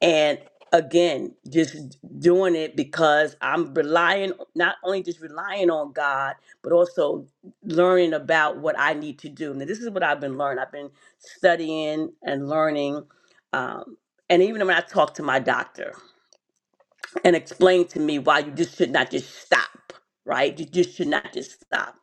D: and again, just doing it because I'm relying, not only just relying on God, but also learning about what I need to do. Now, this is what I've been learning. I've been studying and learning. Um, and even when I talk to my doctor, and explain to me why you just should not just stop, right? You just should not just stop.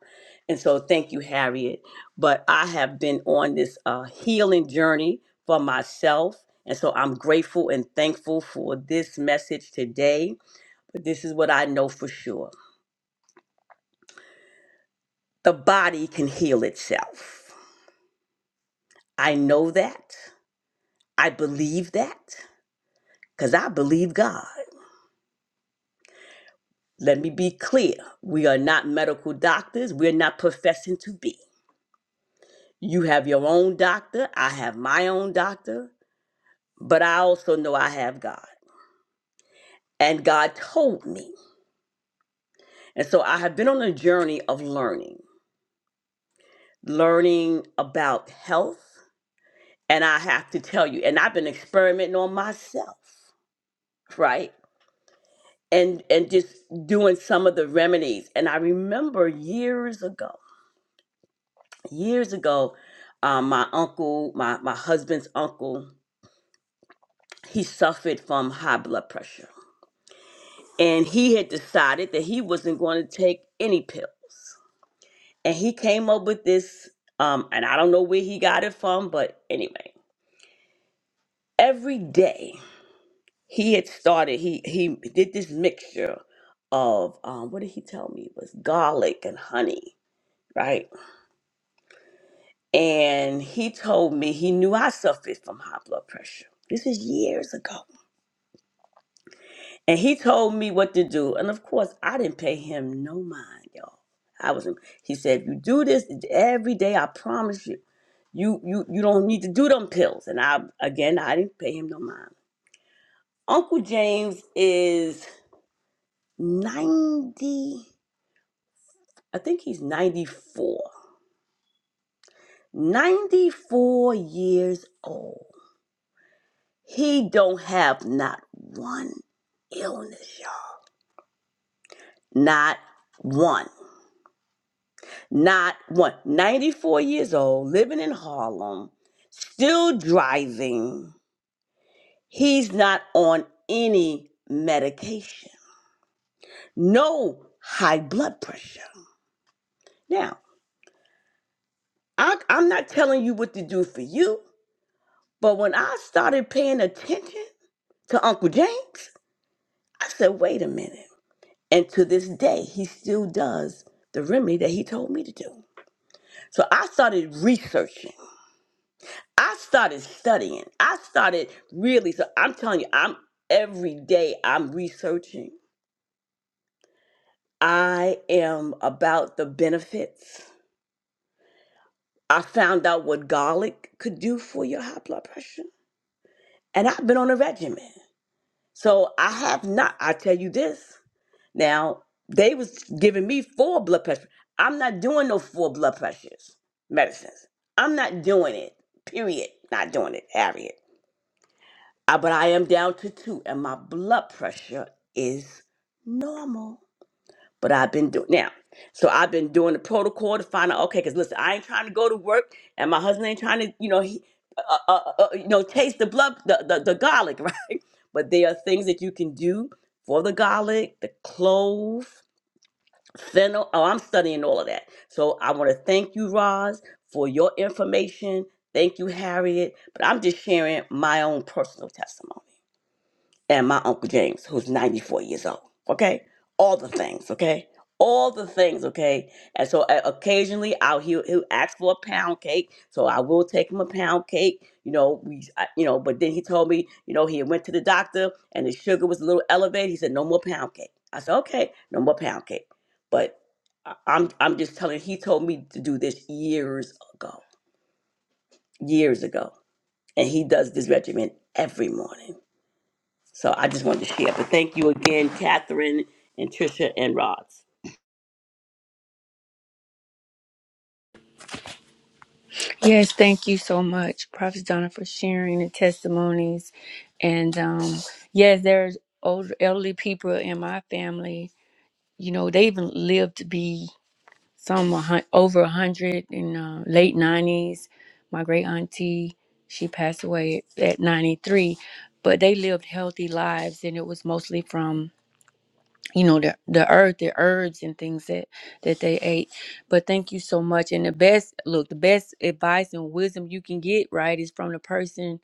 D: And so, thank you, Harriet. But I have been on this uh, healing journey for myself. And so, I'm grateful and thankful for this message today. But this is what I know for sure the body can heal itself. I know that. I believe that because I believe God. Let me be clear. We are not medical doctors. We're not professing to be. You have your own doctor. I have my own doctor. But I also know I have God. And God told me. And so I have been on a journey of learning, learning about health. And I have to tell you, and I've been experimenting on myself, right? And and just doing some of the remedies. And I remember years ago, years ago, um, my uncle, my, my husband's uncle, he suffered from high blood pressure and he had decided that he wasn't going to take any pills. And he came up with this, um, and I don't know where he got it from, but anyway, every day he had started. He he did this mixture of um, what did he tell me it was garlic and honey, right? And he told me he knew I suffered from high blood pressure. This is years ago. And he told me what to do. And of course, I didn't pay him no mind, y'all. I was he said, if you do this every day, I promise you, you you you don't need to do them pills. And I again I didn't pay him no mind. Uncle James is 90, I think he's 94. 94 years old. He don't have not one illness, y'all. Not one. Not one. 94 years old, living in Harlem, still driving. He's not on any medication, no high blood pressure. Now, I, I'm not telling you what to do for you, but when I started paying attention to Uncle James, I said, wait a minute. And to this day, he still does the remedy that he told me to do. So I started researching. I started studying. I started really. So I'm telling you, I'm every day I'm researching. I am about the benefits. I found out what garlic could do for your high blood pressure. And I've been on a regimen. So I have not, I tell you this. Now, they was giving me four blood pressure. I'm not doing no four blood pressures medicines. I'm not doing it. Period. Not doing it, Harriet. I- but I am down to two, and my blood pressure is normal. But I've been doing now. So I've been doing the protocol to find out. Okay, because listen, I ain't trying to go to work, and my husband ain't trying to, you know, he, uh, uh, uh, uh, you know, taste the blood, the, the the garlic, right? But there are things that you can do for the garlic, the clove, fennel. Oh, I'm studying all of that. So I want to thank you, Roz, for your information. Thank you, Harriet. But I'm just sharing my own personal testimony and my Uncle James, who's 94 years old. Okay? All the things, okay? All the things, okay? And so uh, occasionally I'll he'll, he'll ask for a pound cake. So I will take him a pound cake, you know, we I, you know, but then he told me, you know, he went to the doctor and his sugar was a little elevated. He said no more pound cake. I said, "Okay, no more pound cake." But I- I'm I'm just telling he told me to do this years ago. Years ago. And he does this regimen every morning so I just wanted to share. But thank you again, Catherine and Trisha and Rods.
A: Yes, thank you so much, Prophet Donna, for sharing the testimonies. And um, yes, there's older elderly people in my family. You know, they even lived to be some a hun- over a hundred in uh, late nineties. My great auntie, she passed away at ninety three, but they lived healthy lives, and it was mostly from you know the the herb the herbs and things that that they ate but thank you so much and the best look the best advice and wisdom you can get right is from the person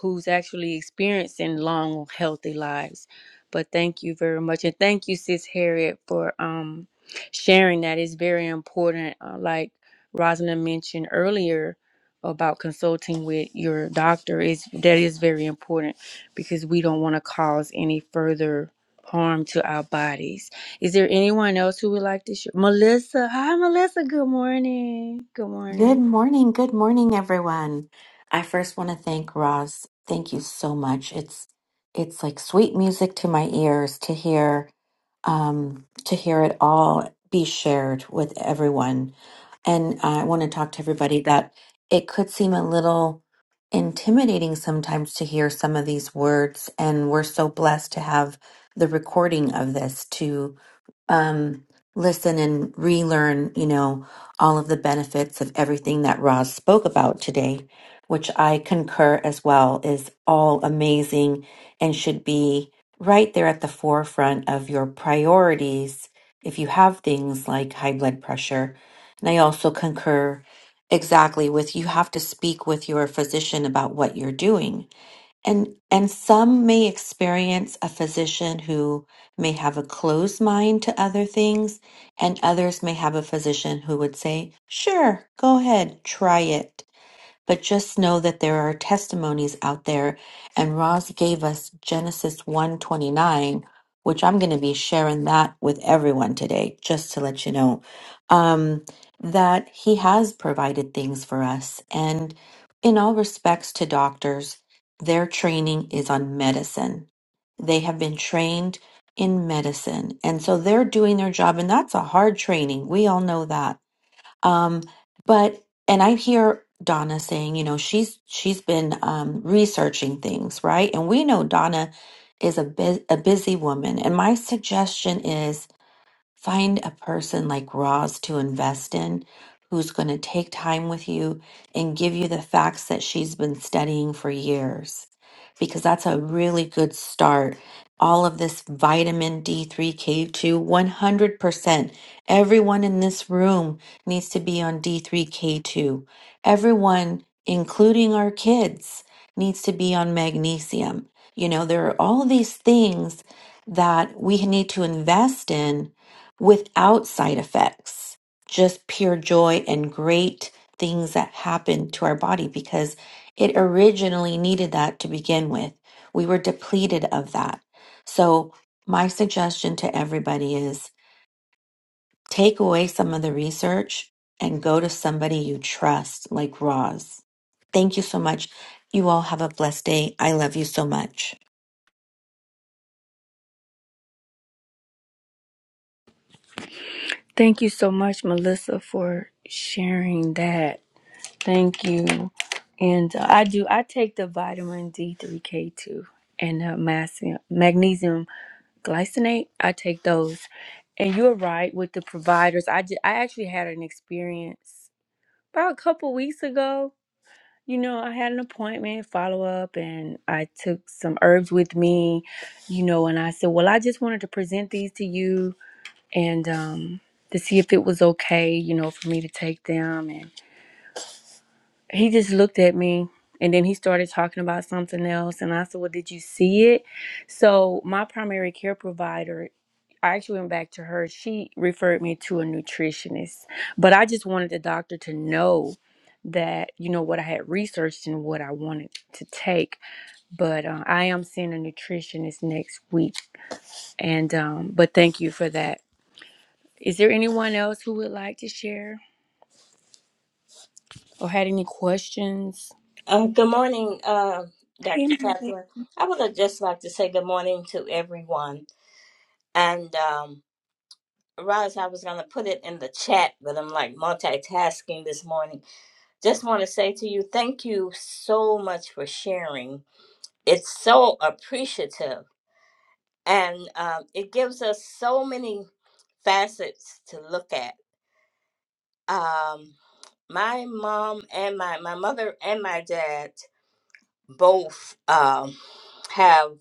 A: who's actually experiencing long healthy lives but thank you very much and thank you sis harriet for um sharing that it's very important uh, like rosalind mentioned earlier about consulting with your doctor is that is very important because we don't want to cause any further harm to our bodies. Is there anyone else who would like to share? Melissa. Hi, Melissa. Good morning. Good
J: Good
A: morning.
J: morning. Good morning, everyone. I first want to thank Roz. Thank you so much. It's it's like sweet music to my ears to hear um to hear it all be shared with everyone. And I want to talk to everybody that it could seem a little intimidating sometimes to hear some of these words and we're so blessed to have the recording of this um, listen and relearn, you know, all of the benefits of everything that Roz spoke about today, which I concur as well is all amazing and should be right there at the forefront of your priorities if you have things like high blood pressure. And I also concur exactly with you have to speak with your physician about what you're doing and and some may experience a physician who may have a closed mind to other things, and others may have a physician who would say, "Sure, go ahead, try it." But just know that there are testimonies out there, and Roz gave us Genesis 129, which I'm going to be sharing that with everyone today, just to let you know um, that he has provided things for us. And in all respects to doctors, their training is on medicine. They have been trained in medicine. And so they're doing their job, and that's a hard training. We all know that um, but and I hear Donna saying, you know, she's she's been um, researching things, right? And we know Donna is a bu- a busy woman. And my suggestion is Find a person like Roz to invest in who's going to take time with you and give you the facts that she's been studying for years, because that's a really good start. All of this vitamin D3, K2, 100%. Everyone in this room needs to be on D3, K2. Everyone, including our kids, needs to be on magnesium. You know, there are all these things that we need to invest in without side effects, just pure joy and great things that happen to our body because it originally needed that to begin with. We were depleted of that. So, my suggestion to everybody is take away some of the research and go to somebody you trust, like Roz. Thank you so much. You all have a blessed day. I love you so much.
A: Thank you so much, Melissa, for sharing that. Thank you. And uh, I do, I take the vitamin D3, K2, and the magnesium, magnesium glycinate. I take those. And you're right with the providers. I, ju- I actually had an experience about a couple weeks ago You know, I had an appointment follow up and I took some herbs with me, you know, and I said, Well, I just wanted to present these to you and um, to see if it was okay, you know, for me to take them. And he just looked at me and then he started talking about something else. And I said, Well, did you see it? So, my primary care provider I actually went back to her. She referred me to a nutritionist, but I just wanted the doctor to know that you know what I had researched and what I wanted to take. But uh, I am seeing a nutritionist next week, and um, but thank you for that. Is there anyone else who would like to share or had any questions?
B: Um, good morning, uh, Dr. Catherine. I would have just like to say good morning to everyone. And um, Roz, I was going to put it in the chat, but I'm like multitasking this morning. Just want to say to you, thank you so much for sharing. It's so appreciative, and um, it gives us so many facets to look at. Um, my mom and my my mother and my dad. both um, have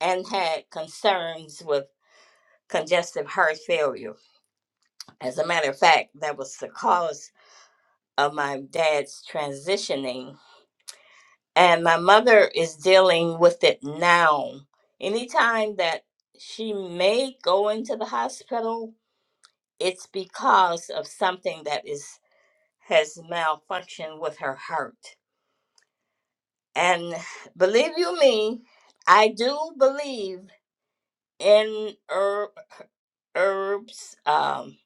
B: and had concerns with congestive heart failure. As a matter of fact, that was the cause of my dad's transitioning. And my mother is dealing with it now. Anytime that she may go into the hospital, it's because of something that is has malfunctioned with her heart. And believe you me, I do believe and herb, herbs um,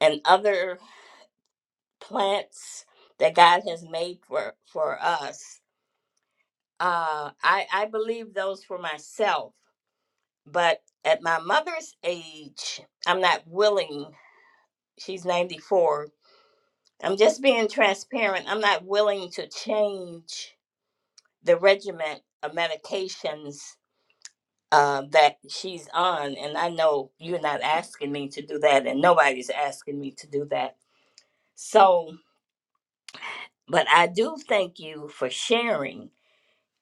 B: and other plants that God has made for for us. Uh, I I believe those for myself, but at my mother's age, I'm not willing. She's 94. I'm just being transparent. I'm not willing to change the regimen of medications uh, that she's on, and I know you're not asking me to do that, and nobody's asking me to do that So, but I do thank you for sharing.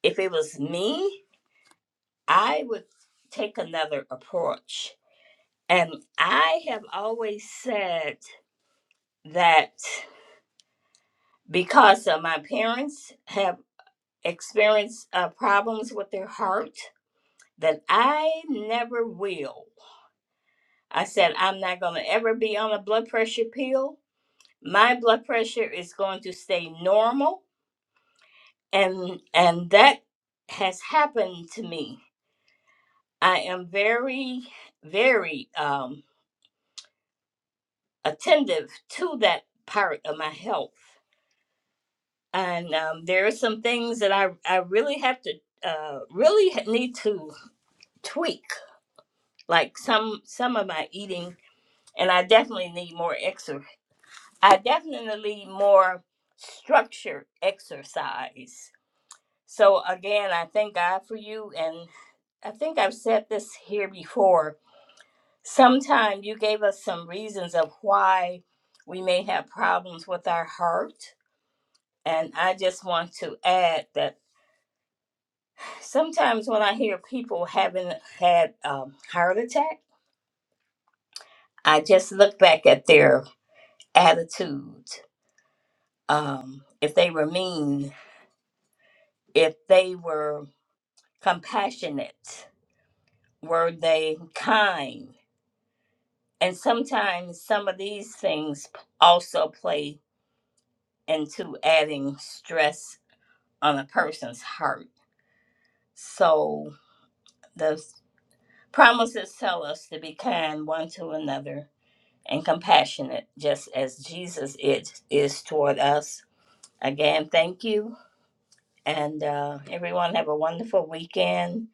B: If it was me, I would take another approach. And I have always said that because of my parents have experienced uh, problems with their heart, that I never will. I said, I'm not going to ever be on a blood pressure pill. My blood pressure is going to stay normal. And, and that has happened to me I am very, very um, attentive to that part of my health. And um, there are some things that I, I really have to, uh, really ha- need to tweak, like some, some of my eating. And I definitely need more exercise. I definitely need more structured exercise. So again, I thank God for you. And I think I've said this here before Sometime you gave us some reasons of why we may have problems with our heart. And I just want to add that sometimes when I hear people having had um, heart attack, I just look back at their attitude. Um, if they were mean, if they were compassionate, were they kind? And sometimes some of these things also play into adding stress on a person's heart. So the promises tell us to be kind one to another and compassionate, just as Jesus is, is toward us. Again, thank you. And uh, everyone have a wonderful weekend.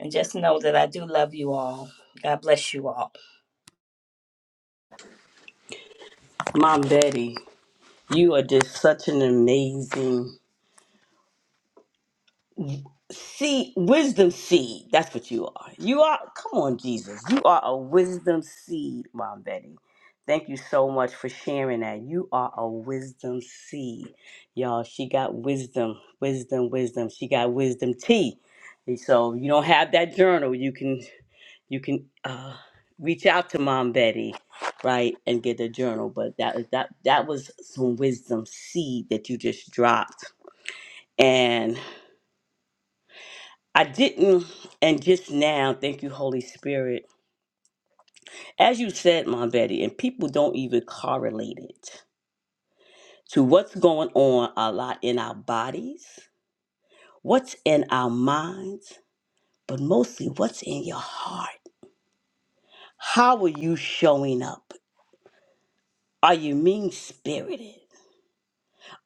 B: And just know that I do love you all. God bless you all.
D: Mom Betty, you are just such an amazing seed, wisdom seed. That's what you are. You are, come on, Jesus. You are a wisdom seed, Mom Betty. Thank you so much for sharing that. You are a wisdom seed. Y'all, she got wisdom, wisdom, wisdom. She got wisdom tea. And so you don't have that journal. You can you can uh, reach out to Mom Betty, right, and get a journal. But that was- that that was some wisdom seed that you just dropped, and I didn't. And just now, thank you, Holy Spirit, as you said, Mom Betty, and people don't even correlate it to what's going on a lot in our bodies, what's in our minds, but mostly what's in your heart. How are you showing up? Are you mean spirited?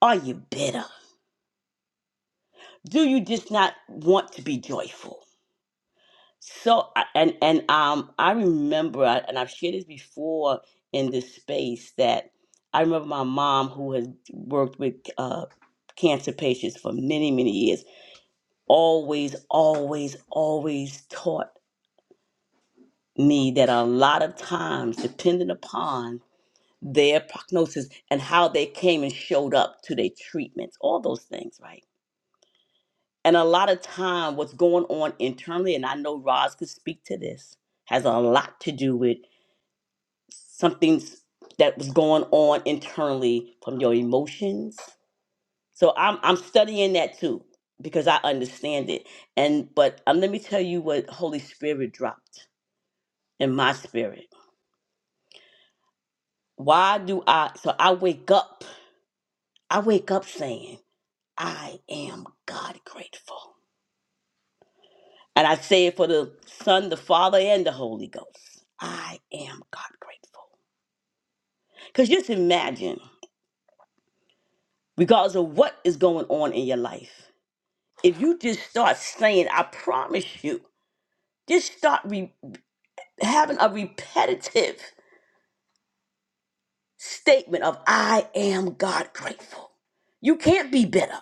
D: Are you bitter? do you just not want to be joyful so I- and and um i remember I- and i've shared this before in this space that i remember my mom who has worked with uh cancer patients for many many years always always always taught me that a lot of times depending upon their prognosis and how they came and showed up to their treatments all those things right And a lot of time, what's going on internally, and I know Roz could speak to this, has a lot to do with something that was going on internally from your emotions. So I'm I'm studying that too because I understand it. And but um, let me tell you what Holy Spirit dropped in my spirit. Why do I? So I wake up. I wake up saying, I am God grateful. And I say it for the Son, the Father, and the Holy Ghost. I am God grateful. Because just imagine, regardless of what is going on in your life, if you just start saying, I promise you, just start re- having a repetitive statement of, I am God grateful. You can't be bitter.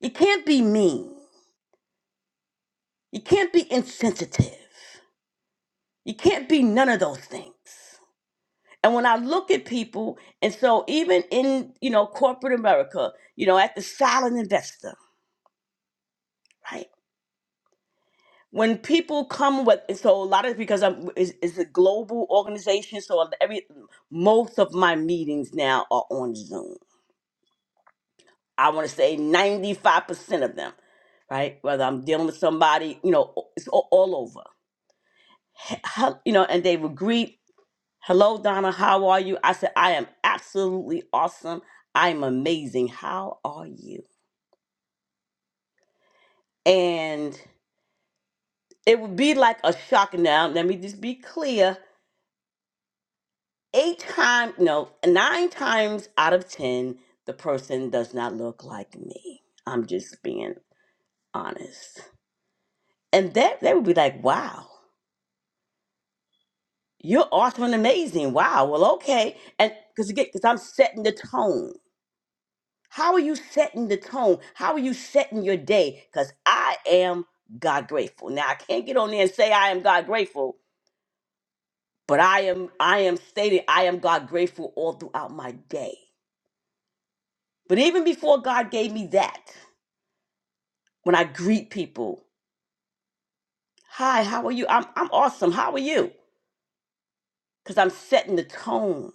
D: You can't be mean. You can't be insensitive. You can't be none of those things. and when i look at people and so even in you know corporate america you know at the silent investor right when people come with and so a lot of because i'm is it's it's a global organization so every most of my meetings now are on zoom i want to say 95% of them right whether i'm dealing with somebody you know it's all, all over He- hel- you know and they would greet hello donna how are you i said i am absolutely awesome i'm amazing how are you and it would be like a shock. Now, let me just be clear: eight times, no, nine times out of ten, the person does not look like me. I'm just being honest, and that they would be like, "Wow, you're awesome and amazing." Wow, well, okay, and because again, because I'm setting the tone. How are you setting the tone? How are you setting your day? Because I am God grateful. Now I can't get on there and say I am God grateful But I am I am stating I am God grateful all throughout my day. But even before God gave me that, when I greet people, hi, how are you? I'm I'm awesome. How are you? Because I'm setting the tone.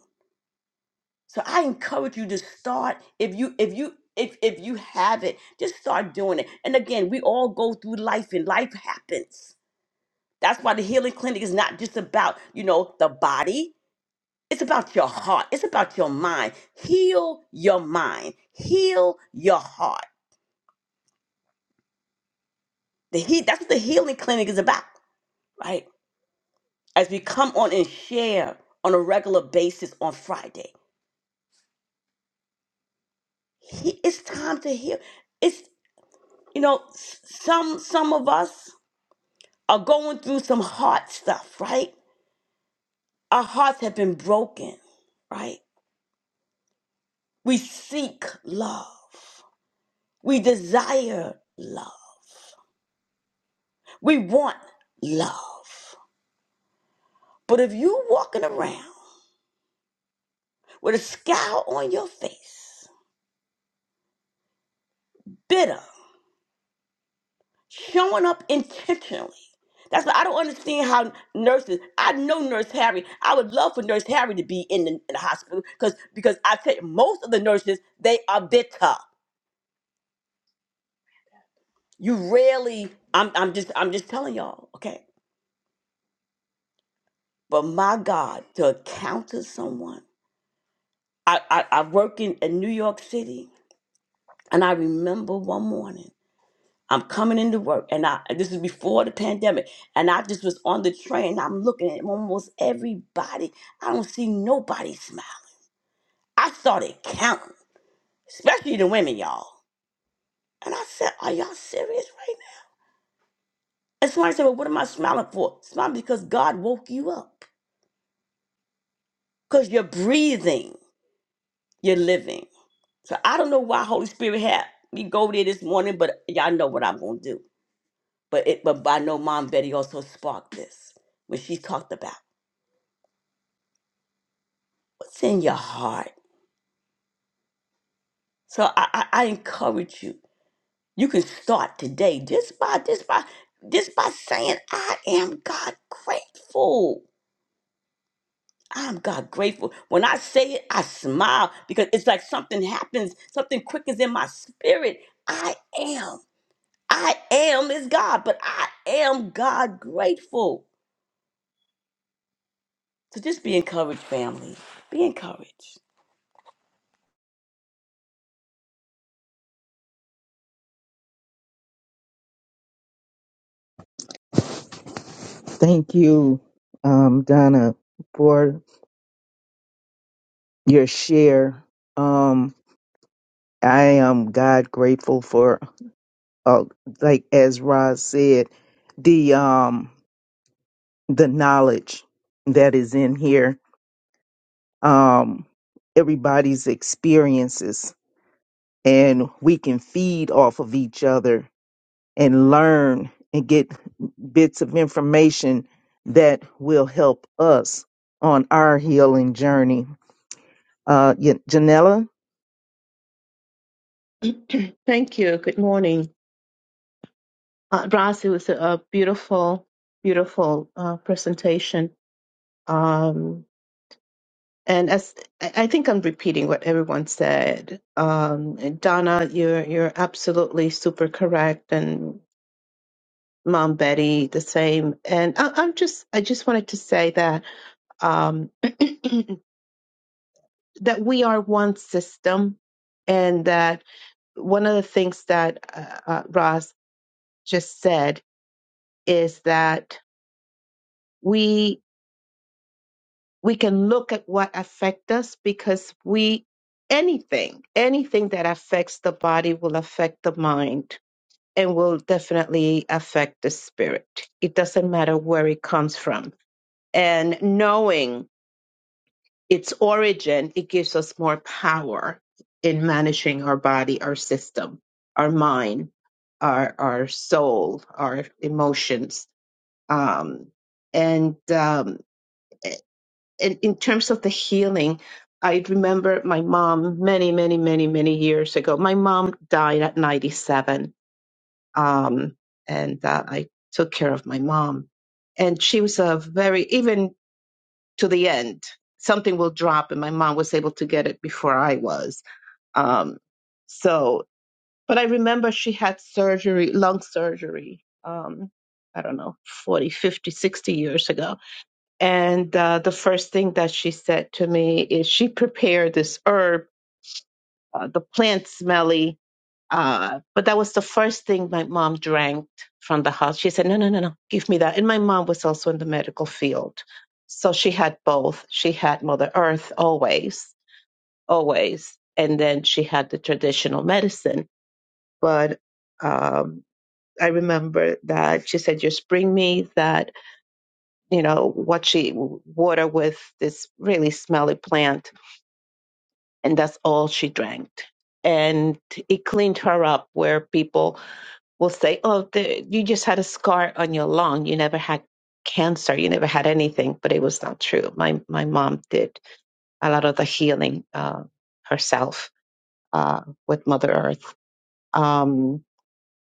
D: So I encourage you to start if you if you if if you have it, just start doing it. And again, we all go through life and life happens. That's why the healing clinic is not just about, you know, the body. It's about your heart. It's about your mind. Heal your mind. Heal your heart. The he, that's what the healing clinic is about, right? As we come on and share on a regular basis on Friday, he, it's time to heal. It's you know s- some some of us are going through some hard stuff, right? Our hearts have been broken, right? We seek love. We desire love. We want love. But if you walking around with a scowl on your face, bitter, showing up intentionally, that's what I don't understand how nurses. I know Nurse Harry. I would love for Nurse Harry to be in the, in the hospital because because I tell you, most of the nurses they are bitter. You rarely. I'm I'm just I'm just telling y'all, okay. But my God, to encounter someone. I I, I work in, in New York City, and I remember one morning. I'm coming into work, and I this is before the pandemic, and I just was on the train. I'm looking at almost everybody. I don't see nobody smile. I started counting, especially the women, y'all. And I said, "Are y'all serious right now?" And somebody said, "Well, what am I smiling for? Smile because God woke you up, because you're breathing, you're living." So I don't know why Holy Spirit had me go there this morning, but y'all know what I'm gonna do. But it, but I know Mom Betty also sparked this when she talked about. what's in your heart. So I, I, I encourage you. You can start today just by just by just by saying, I am God grateful. I'm God grateful. When I say it, I smile because it's like something happens, something quickens in my spirit. I am. I am is God, but I am God grateful. So just be encouraged, family. Be encouraged.
F: Thank you, um, Donna, for your share. Um, I am God grateful for, uh, like as Roz said, the um the knowledge that is in here um, everybody's experiences and we can feed off of each other and learn and get bits of information that will help us on our healing journey. Uh, Yan- Janella?
K: Thank you. Good morning. Uh, Raz, it was a, a beautiful, beautiful uh, presentation. Um, and as I I think I'm repeating what everyone said, um, and Donna, you're you're absolutely super correct, and Mom Betty the same. And I, I'm just I just wanted to say that um, that we are one system, and that one of the things that uh, uh, Ross just said is that we we can look at what affect us because we anything anything that affects the body will affect the mind and will definitely affect the spirit it doesn't matter where it comes from and knowing its origin it gives us more power in managing our body our system our mind our our soul our emotions um and um in, in terms of the healing, I remember my mom many, many, many, many years ago. My mom died at 97, um, and uh, I took care of my mom. And she was a very, even to the end, something will drop, and my mom was able to get it before I was. Um, so, but I remember she had surgery, lung surgery, um, I don't know, 40, 50, 60 years ago and uh, the first thing that she said to me is she prepared this herb, uh, the plant smelly. Uh, but that was the first thing my mom drank from the house. She said, No, no, no, no, give me that. And my mom was also in the medical field. So she had both. She had Mother Earth always, always. And then she had the traditional medicine. But um, I remember that she said, Just bring me that you know, what she water with this really smelly plant, and that's all she drank. And it cleaned her up, where people will say, "Oh, the, you just had a scar on your lung. You never had cancer. You never had anything." But it was not true. My my mom did a lot of the healing uh, herself uh, with Mother Earth. Um,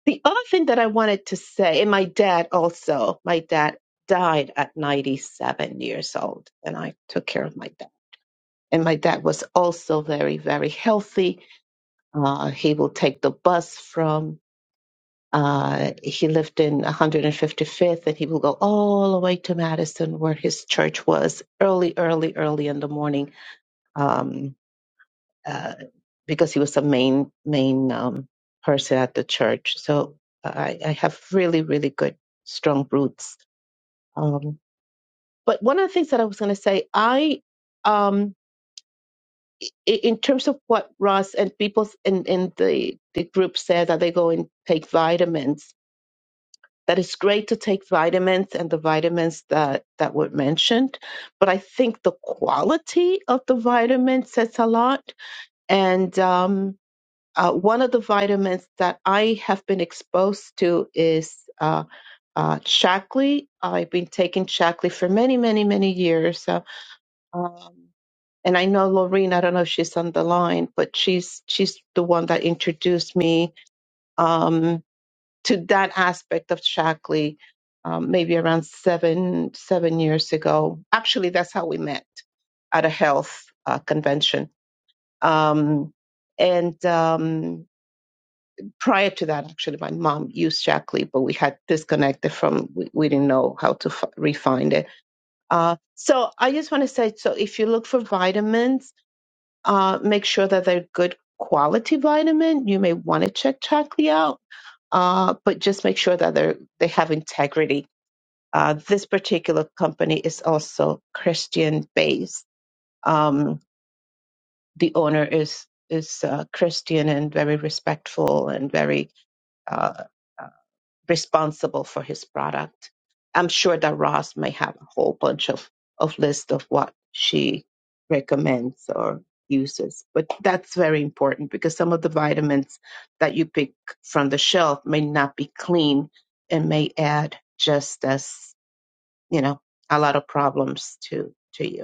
K: the other thing that I wanted to say, and my dad also, my dad died at 97 years old, and I took care of my dad. And my dad was also very, very healthy. Uh, he will take the bus from, uh, he lived in 155th, and he will go all the way to Madison, where his church was, early, early, early in the morning. Um, uh, because he was the main main um, person at the church. So I, I have really really good strong roots. Um, but one of the things that I was going to say, I um, i- in terms of what Ross and people in in the the group said that they go and take vitamins. That it's great to take vitamins and the vitamins that, that were mentioned, but I think the quality of the vitamin says a lot. And um, Uh, one of the vitamins that I have been exposed to is uh, uh, Shaklee. I've been taking Shaklee for many, many, many years. Uh, um, and I know Lorene, I don't know if she's on the line, but she's she's the one that introduced me um, to that aspect of Shaklee, um, maybe around seven seven years ago. Actually, that's how we met at a health uh, convention. Um, and um, prior to that, actually, my mom used Shackley, but we had disconnected from, we, we didn't know how to f- refind it. Uh, so I just want to say, so if you look for vitamins, uh, make sure that they're good quality vitamin. You may want to check Shackley out, uh, but just make sure that they're, they have integrity. Uh, this particular company is also Christian based. Um, the owner is, is uh, Christian and very respectful and very uh, responsible for his product. I'm sure that Ross may have a whole bunch of, of list of what she recommends or uses. But that's very important because some of the vitamins that you pick from the shelf may not be clean and may add just as, you know, a lot of problems to to you.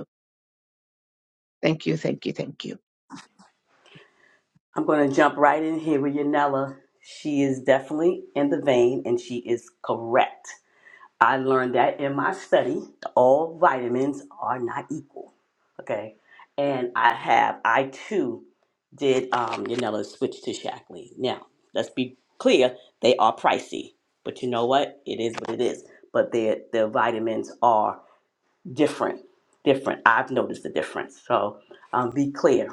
K: Thank you, thank you, thank you.
D: I'm going to jump right in here with Yanela. She is definitely in the vein and she is correct. I learned that in my study, all vitamins are not equal. Okay. And I have, I too did um, Yanela switch to Shaklee. Now, let's be clear, they are pricey. But you know what? It is what it is. But their, their vitamins are different, different. I've noticed the difference. So um, be clear.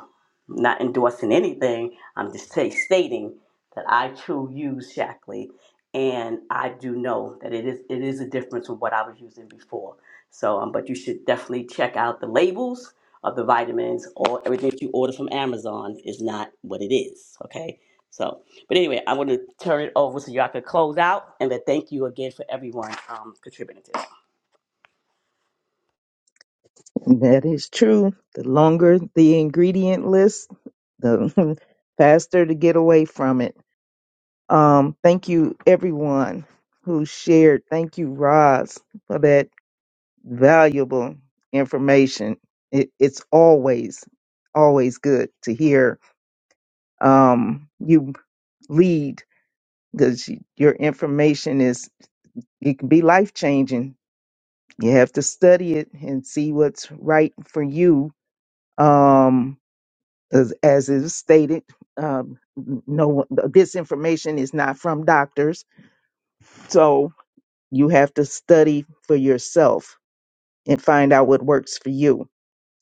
D: I'm not endorsing anything. I'm just ta- stating that I too use Shackley, and I do know that it is it is a difference from what I was using before. So, um, but you should definitely check out the labels of the vitamins or everything that you order from Amazon is not what it is. Okay. So, but anyway, I want to turn it over so y'all can close out, and then thank you again for everyone um, contributing to this.
F: That is true. The longer the ingredient list, the faster to get away from it. Um, thank you, everyone who shared. Thank you, Roz, for that valuable information. It, it's always, always good to hear um, you lead because your information is, it can be life changing. You have to study it and see what's right for you. Um, as, as is stated, um, no one- this information is not from doctors, so you have to study for yourself and find out what works for you,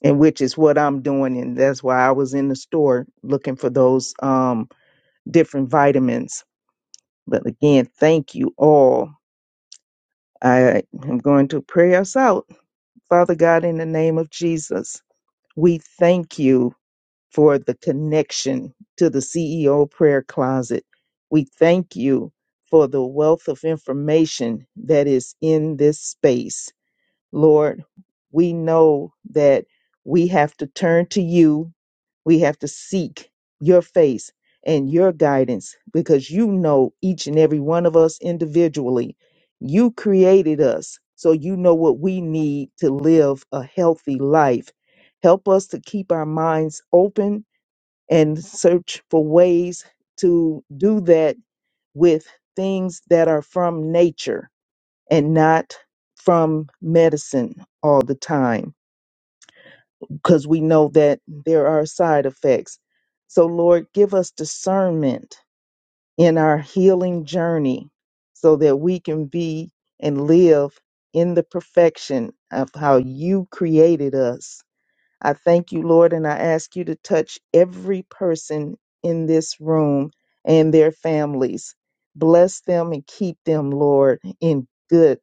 F: and which is what I'm doing, and that's why I was in the store looking for those um, different vitamins. But again, thank you all. I am going to pray us out. Father God, in the name of Jesus, we thank you for the connection to the CEO prayer closet. We thank you for the wealth of information that is in this space. Lord, we know that we have to turn to you. We have to seek your face and your guidance because you know each and every one of us individually. You created us, so you know what we need to live a healthy life. Help us to keep our minds open and search for ways to do that with things that are from nature and not from medicine all the time because we know that there are side effects. So, Lord, give us discernment in our healing journey so that we can be and live in the perfection of how you created us I thank you, Lord, and I ask you to touch every person in this room and their families. Bless them and keep them, Lord, in good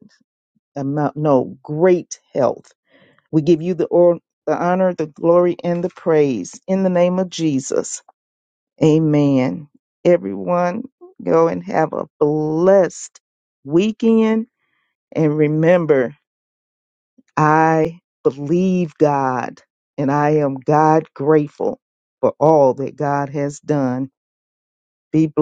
F: amount, no, great health. We give you the, or, the honor, the glory, and the praise in the name of Jesus. Amen. Everyone, go and have a blessed weekend. And remember, I believe God and I am God grateful for all that God has done. Be blessed.